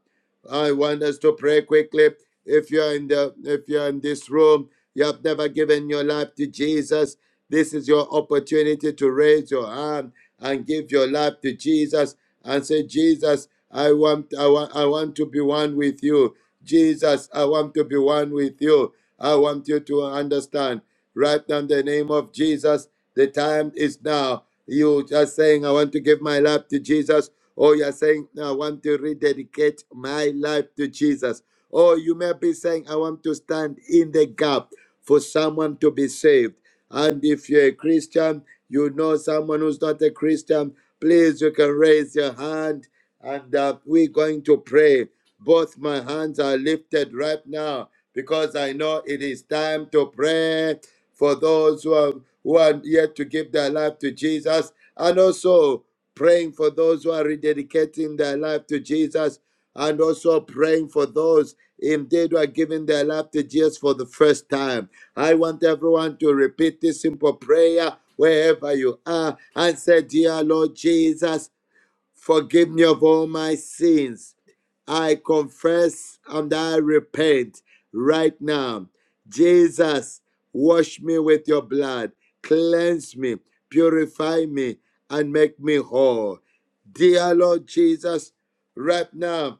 I want us to pray quickly. If you're in the if you're in this room, you have never given your life to Jesus. This is your opportunity to raise your hand and give your life to Jesus and say, Jesus, I want, I want, I want to be one with you. Jesus, I want to be one with you. I want you to understand. Right now, in the name of Jesus, the time is now. You are saying, I want to give my life to Jesus, or you're saying, I want to rededicate my life to Jesus. Or you may be saying, I want to stand in the gap for someone to be saved. And if you're a Christian, you know someone who's not a Christian, please, you can raise your hand and uh, we're going to pray. Both my hands are lifted right now because I know it is time to pray for those who are, who are yet to give their life to Jesus and also praying for those who are rededicating their life to Jesus and also praying for those indeed who are giving their life to Jesus for the first time. I want everyone to repeat this simple prayer wherever you are and say, Dear Lord Jesus, forgive me of all my sins. I confess and I repent right now. Jesus, wash me with your blood, cleanse me, purify me, and make me whole. Dear Lord Jesus, right now,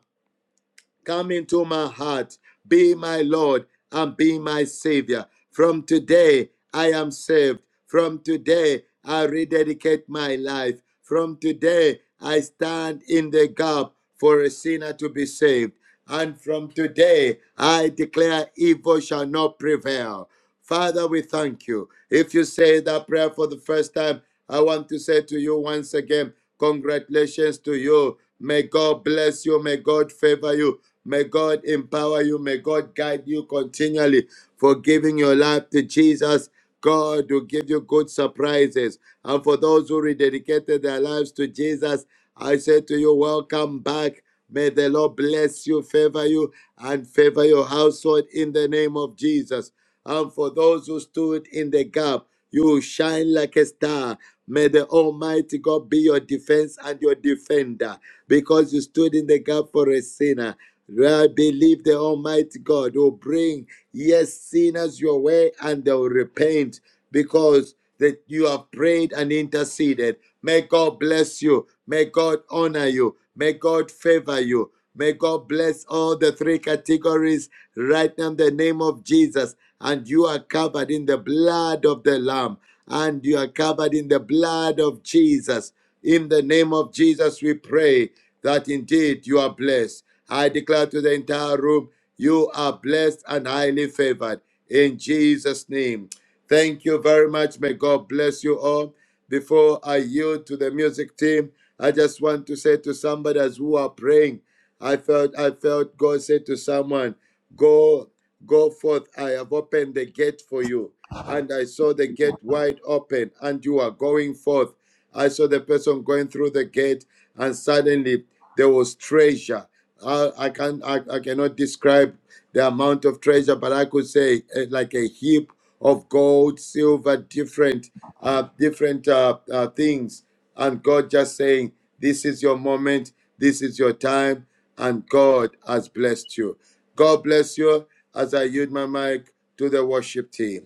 Come into my heart, be my Lord and be my Savior. From today, I am saved. From today, I rededicate my life. From today, I stand in the gap for a sinner to be saved. And from today, I declare evil shall not prevail. Father, we thank you. If you say that prayer for the first time, I want to say to you once again, congratulations to you. May God bless you. May God favor you. May God empower you. May God guide you continually for giving your life to Jesus. God will give you good surprises. And for those who rededicated their lives to Jesus, I say to you, welcome back. May the Lord bless you, favor you, and favor your household in the name of Jesus. And for those who stood in the gap, you will shine like a star. May the Almighty God be your defense and your defender because you stood in the gap for a sinner. I believe the Almighty God will bring, yes, sinners your way and they will repent because that you have prayed and interceded. May God bless you. May God honor you. May God favor you. May God bless all the three categories right now in the name of Jesus. And you are covered in the blood of the Lamb. And you are covered in the blood of Jesus. In the name of Jesus, we pray that indeed you are blessed. I declare to the entire room, you are blessed and highly favored in Jesus' name. Thank you very much. May God bless you all. Before I yield to the music team, I just want to say to somebody as who are praying, I felt I felt God said to someone, Go, go forth. I have opened the gate for you. And I saw the gate wide open, and you are going forth. I saw the person going through the gate, and suddenly there was treasure. I, I can I, I cannot describe the amount of treasure, but I could say eh, like a heap of gold, silver, different uh, different uh, uh, things and God just saying, This is your moment, this is your time, and God has blessed you. God bless you as I yield my mic to the worship team.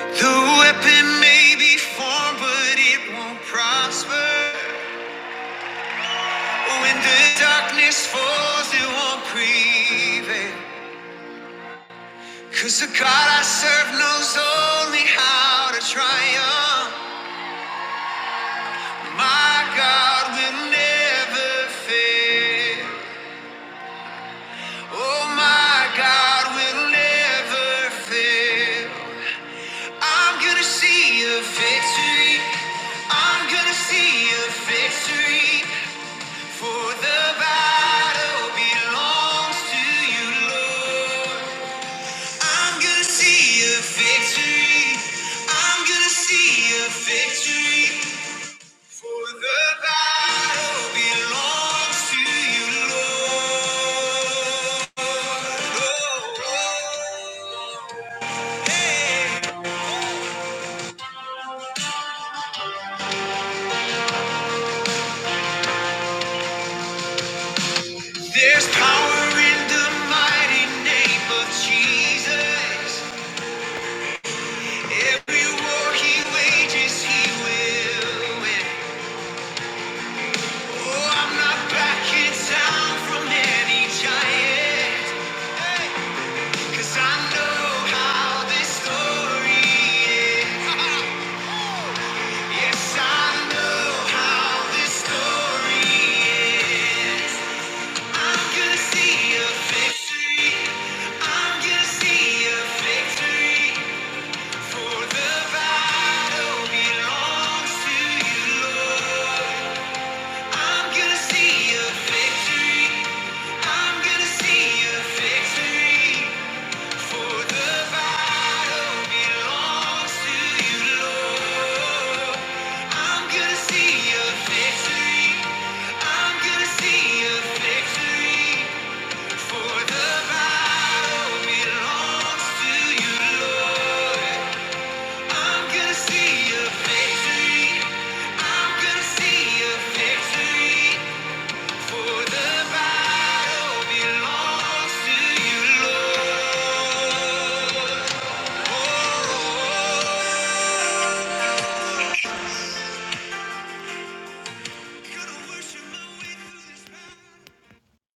The weapon may be formed, but it won't prosper. When the darkness falls, it won't prevail. Cause the God I serve knows only how to triumph. My God will never fail. Oh, my God will never fail. I'm gonna see a victory. I'm gonna see a victory. For the battle belongs to you, Lord. I'm gonna see a victory. I'm gonna see a victory. For the battle belongs to you, Lord. Oh, oh. Hey. There's power in the mighty name of Jesus. Every war he wages, he will win. Oh, I'm not backing down from any giant, 'cause I know how this story ends. Yes, I know how this story ends. I'm gonna see a victory. I'm gonna see a victory. For the battle belongs to you, Lord. I'm gonna see a victory. I'm gonna see a victory. For the battle belongs to you, Lord. I'm gonna see your victory. I'm gonna see your victory. For the battle belongs to you, Lord. I'm gonna see your victory. I'm gonna see your victory. For the battle belongs to you, Lord oh,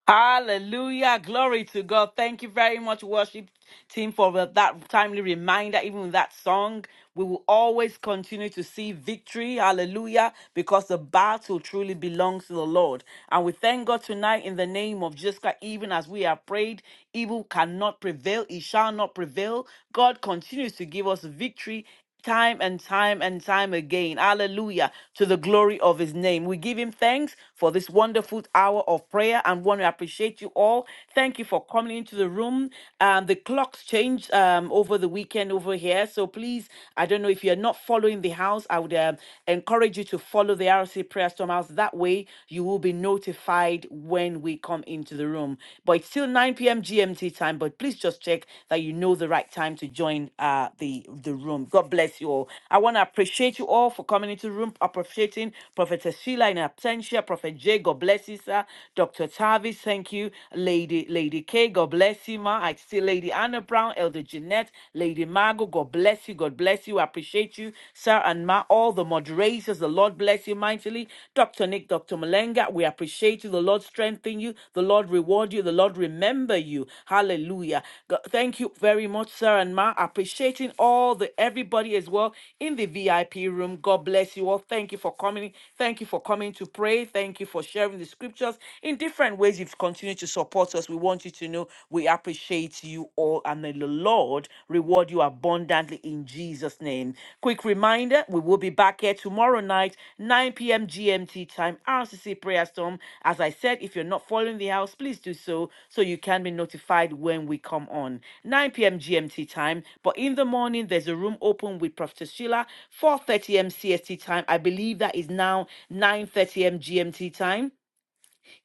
Hallelujah. Glory to God. Thank you very much, worship team, for that timely reminder. Even with that song, we will always continue to see victory. Hallelujah. Because the battle truly belongs to the Lord. And we thank God tonight in the name of Jesus Christ, even as we have prayed, evil cannot prevail. It shall not prevail. God continues to give us victory time and time and time again. Hallelujah. To the glory of his name. We give him thanks for this wonderful hour of prayer and want to appreciate you all. Thank you for coming into the room. Um, the clocks changed um, over the weekend over here. So please, I don't know if you're not following the house, I would um, encourage you to follow the RC Prayer Storm House. That way you will be notified when we come into the room. But but it's still 9 p.m. GMT time. But please just check that you know the right time to join uh, the, the room. God bless you all. I want to appreciate you all for coming into the room, appreciating Prophetess Sheila in absentia, Prophet J. God bless you, sir. Dr. Tavis, thank you. Lady Lady K, God bless you, ma. I see Lady Anna Brown, Elder Jeanette, Lady Margot, God bless you, God bless you. I appreciate you, sir, and ma. All the moderators, the. The Lord bless you mightily. Dr. Nick, Dr. Malenga, we appreciate you. The Lord strengthen you. The Lord reward you. The Lord remember you. Hallelujah. God, thank you very much, sir and ma. Appreciating all the everybody as well in the VIP room. God bless you all. Thank you for coming. Thank you for coming to pray. Thank you for sharing the scriptures in different ways. You've continued to support us. We want you to know we appreciate you all and the the Lord reward you abundantly in Jesus' name. Quick reminder we will be back here tomorrow night, 9 p.m. GMT time, RCC Prayer Storm. As I said, if you're not following the house, please do so so you can be notified when we come on. 9 p.m. GMT time. But in the morning, there's a room open with Prophet Sheila, 4:30 m CST time. I believe that is now 9:30 m GMT time.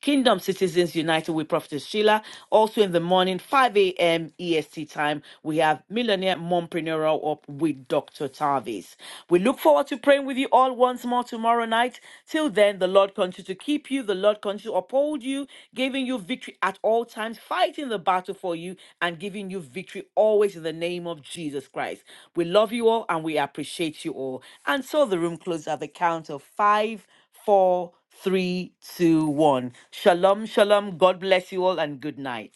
Kingdom Citizens United with Prophetess Sheila. Also in the morning, 5 a.m. EST time, we have Millionaire Mompreneur Up with Dr. Tavis. We look forward to praying with you all once more tomorrow night. Till then, the Lord continue to keep you, the Lord continue to uphold you, giving you victory at all times, fighting the battle for you, and giving you victory always in the name of Jesus Christ. We love you all and we appreciate you all. And so the room closes at the count of five four, three, two, one. Shalom, shalom. God bless you all and good night.